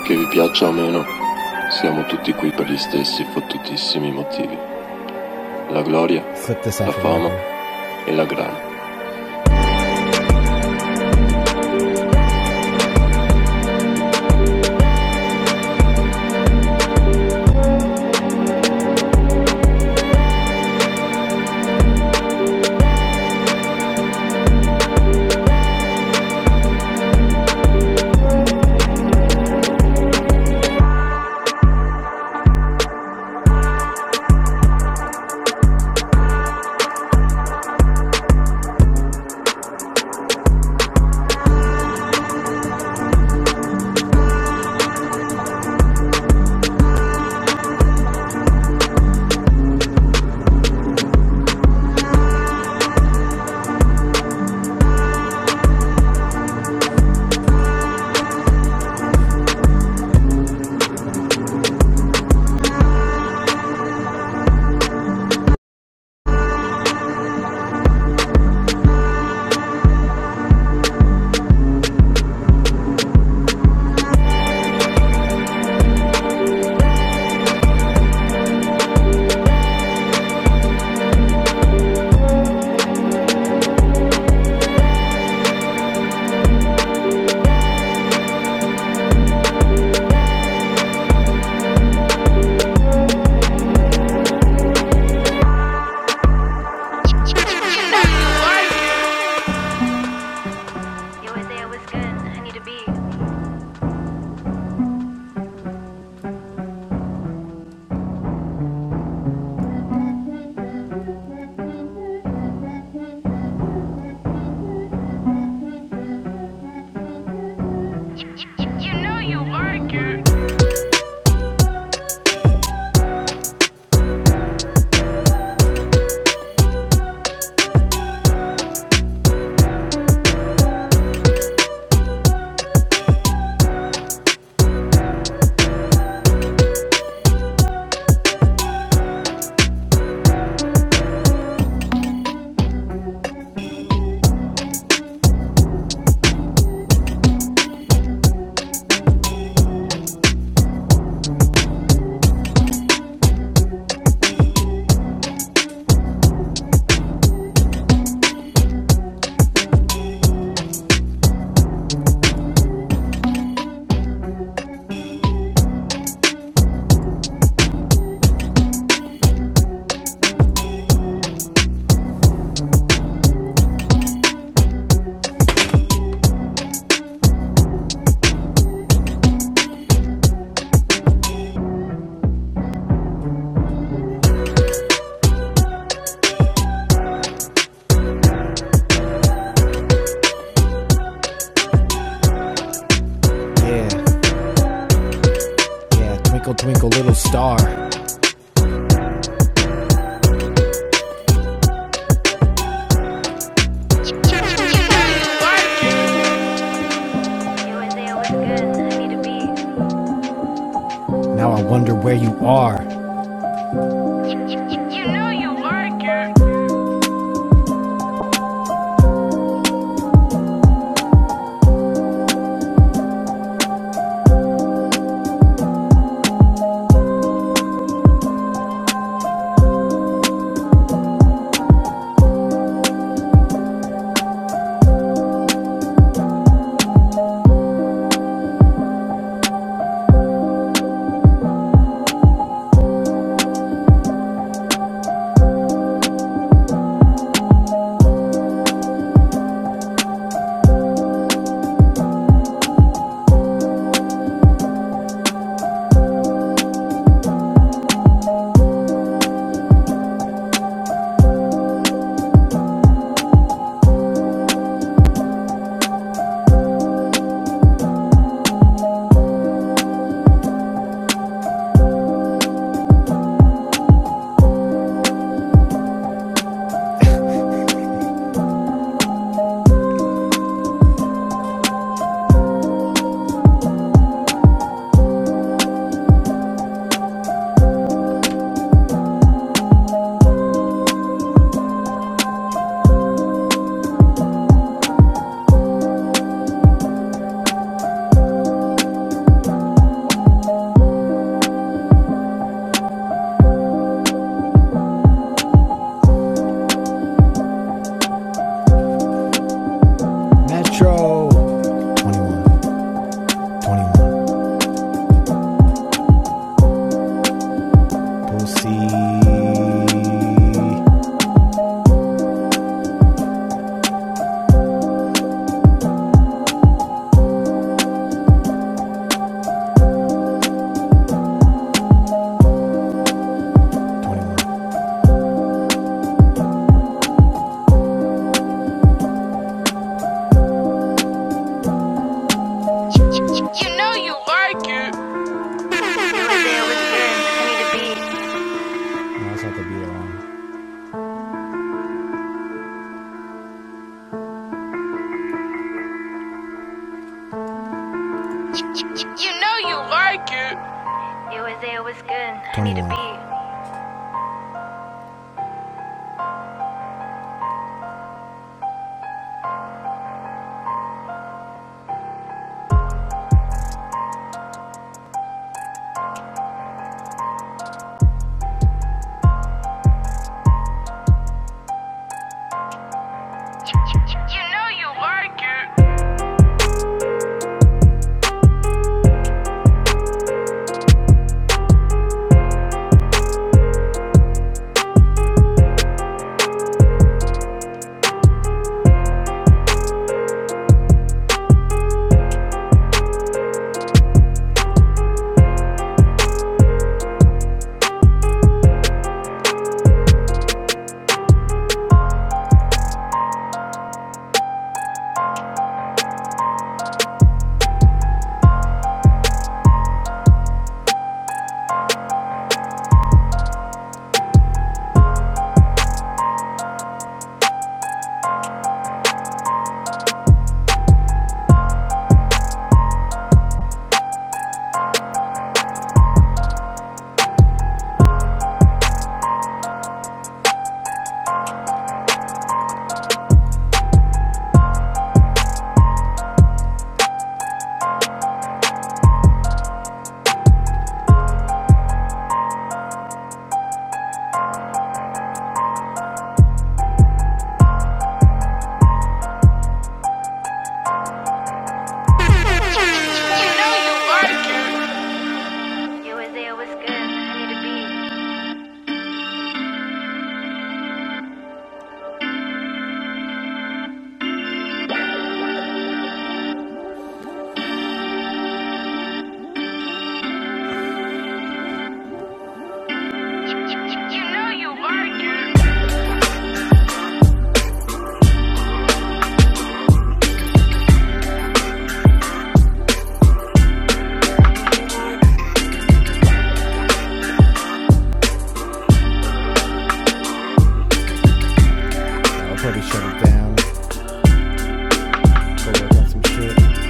Speaker 1: Che vi piaccia o meno, siamo tutti qui per gli stessi fottutissimi motivi. La gloria, la fama e la grana. Yeah, yeah, twinkle, twinkle, little star. Now I wonder where you are. Metro 21, 21, Pussy 21. You know you like it. No, that's not the beat I wanted. You know you like it. It was it was good. I need a beat. You know you like it. You know you like it. It was it was good. I need a beat. You know you like it. I'll probably shut it down. So some shit.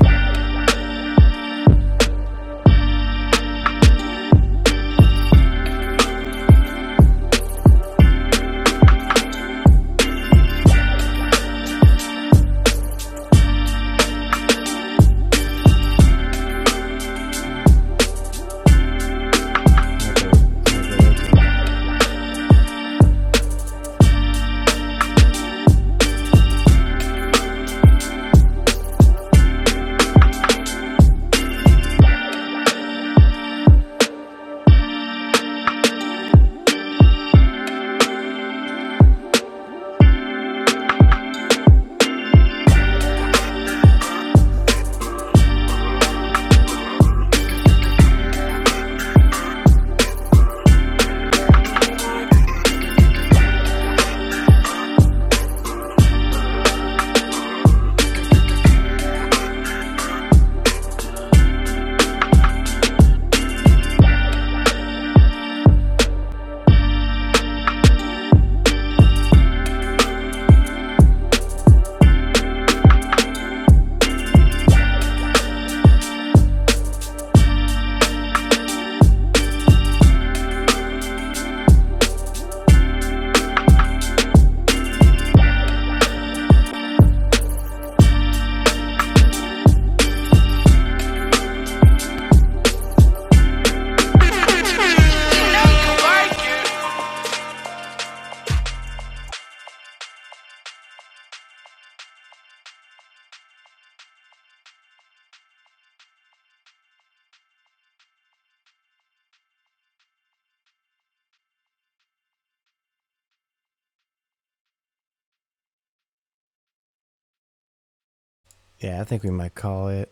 Speaker 1: Yeah, I think we might call it.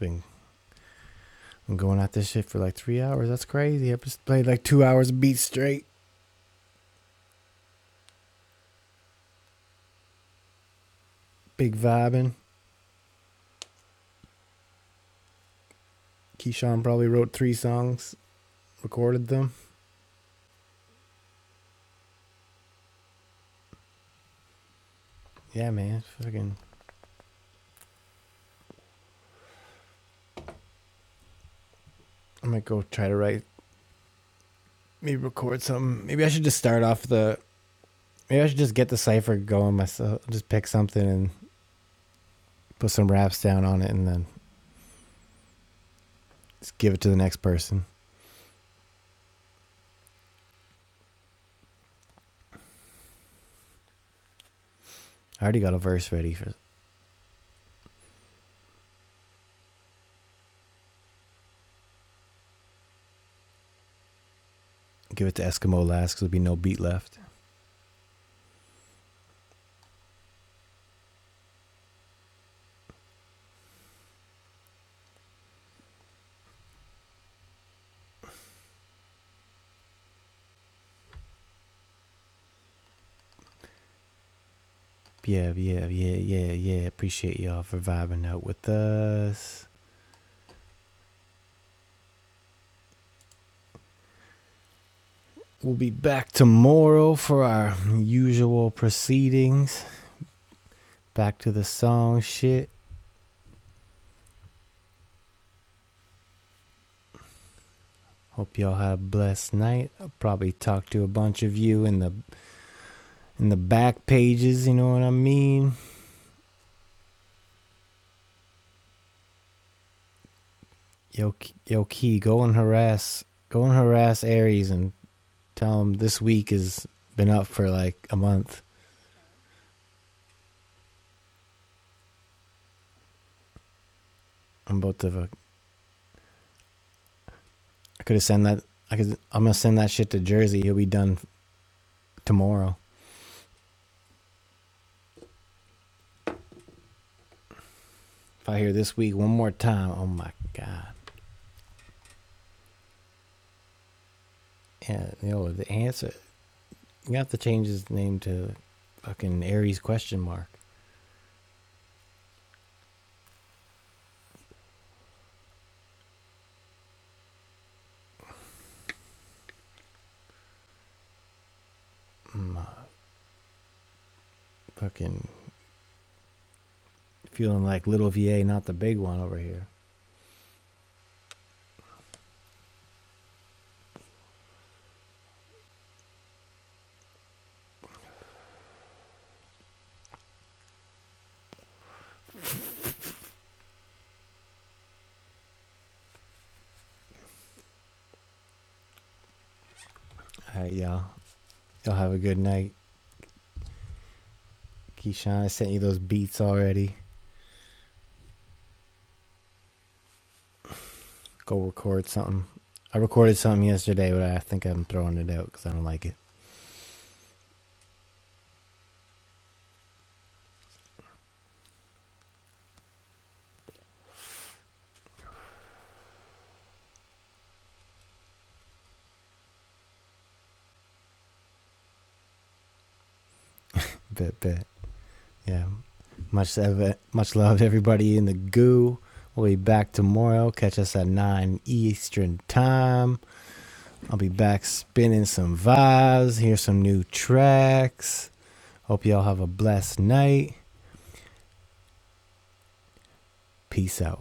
Speaker 1: Been been going at this shit for like three hours. That's crazy. I just played like two hours of beat straight. Big vibing. Keyshawn probably wrote three songs, recorded them. Yeah, man. Fucking. I might go try to write. Maybe record something. Maybe I should just start off the. Maybe I should just get the cipher going myself. Just pick something and put some raps down on it, and then just give it to the next person. I already got a verse ready for. Give it to Eskimo last, cause there'll be no beat left. Yeah, yeah, yeah, yeah, yeah. Appreciate y'all for vibing out with us. We'll be back tomorrow for our usual proceedings. Back to the song shit. Hope y'all have a blessed night. I'll probably talk to a bunch of you in the in the back pages, you know what I mean? Yo yo key, go and harass go and harass Aries and tell him this week has been up for like a month. I'm about to I could have sent that I could I'm gonna send that shit to Jersey. He'll be done tomorrow. If I hear this week one more time, oh my god! And you know the answer. You have to change his name to fucking Aries question mark. Fucking feeling like little VA, not the big one over here. All right, y'all. Y'all have a good night. Keyshawn, I sent you those beats already. Go record something. I recorded something yesterday, but I think I'm throwing it out because I don't like it. Bet, bet. Yeah. Much love, much love, everybody in the goo. We'll be back tomorrow. Catch us at 9 Eastern Time. I'll be back spinning some vibes, hear some new tracks. Hope y'all have a blessed night. Peace out.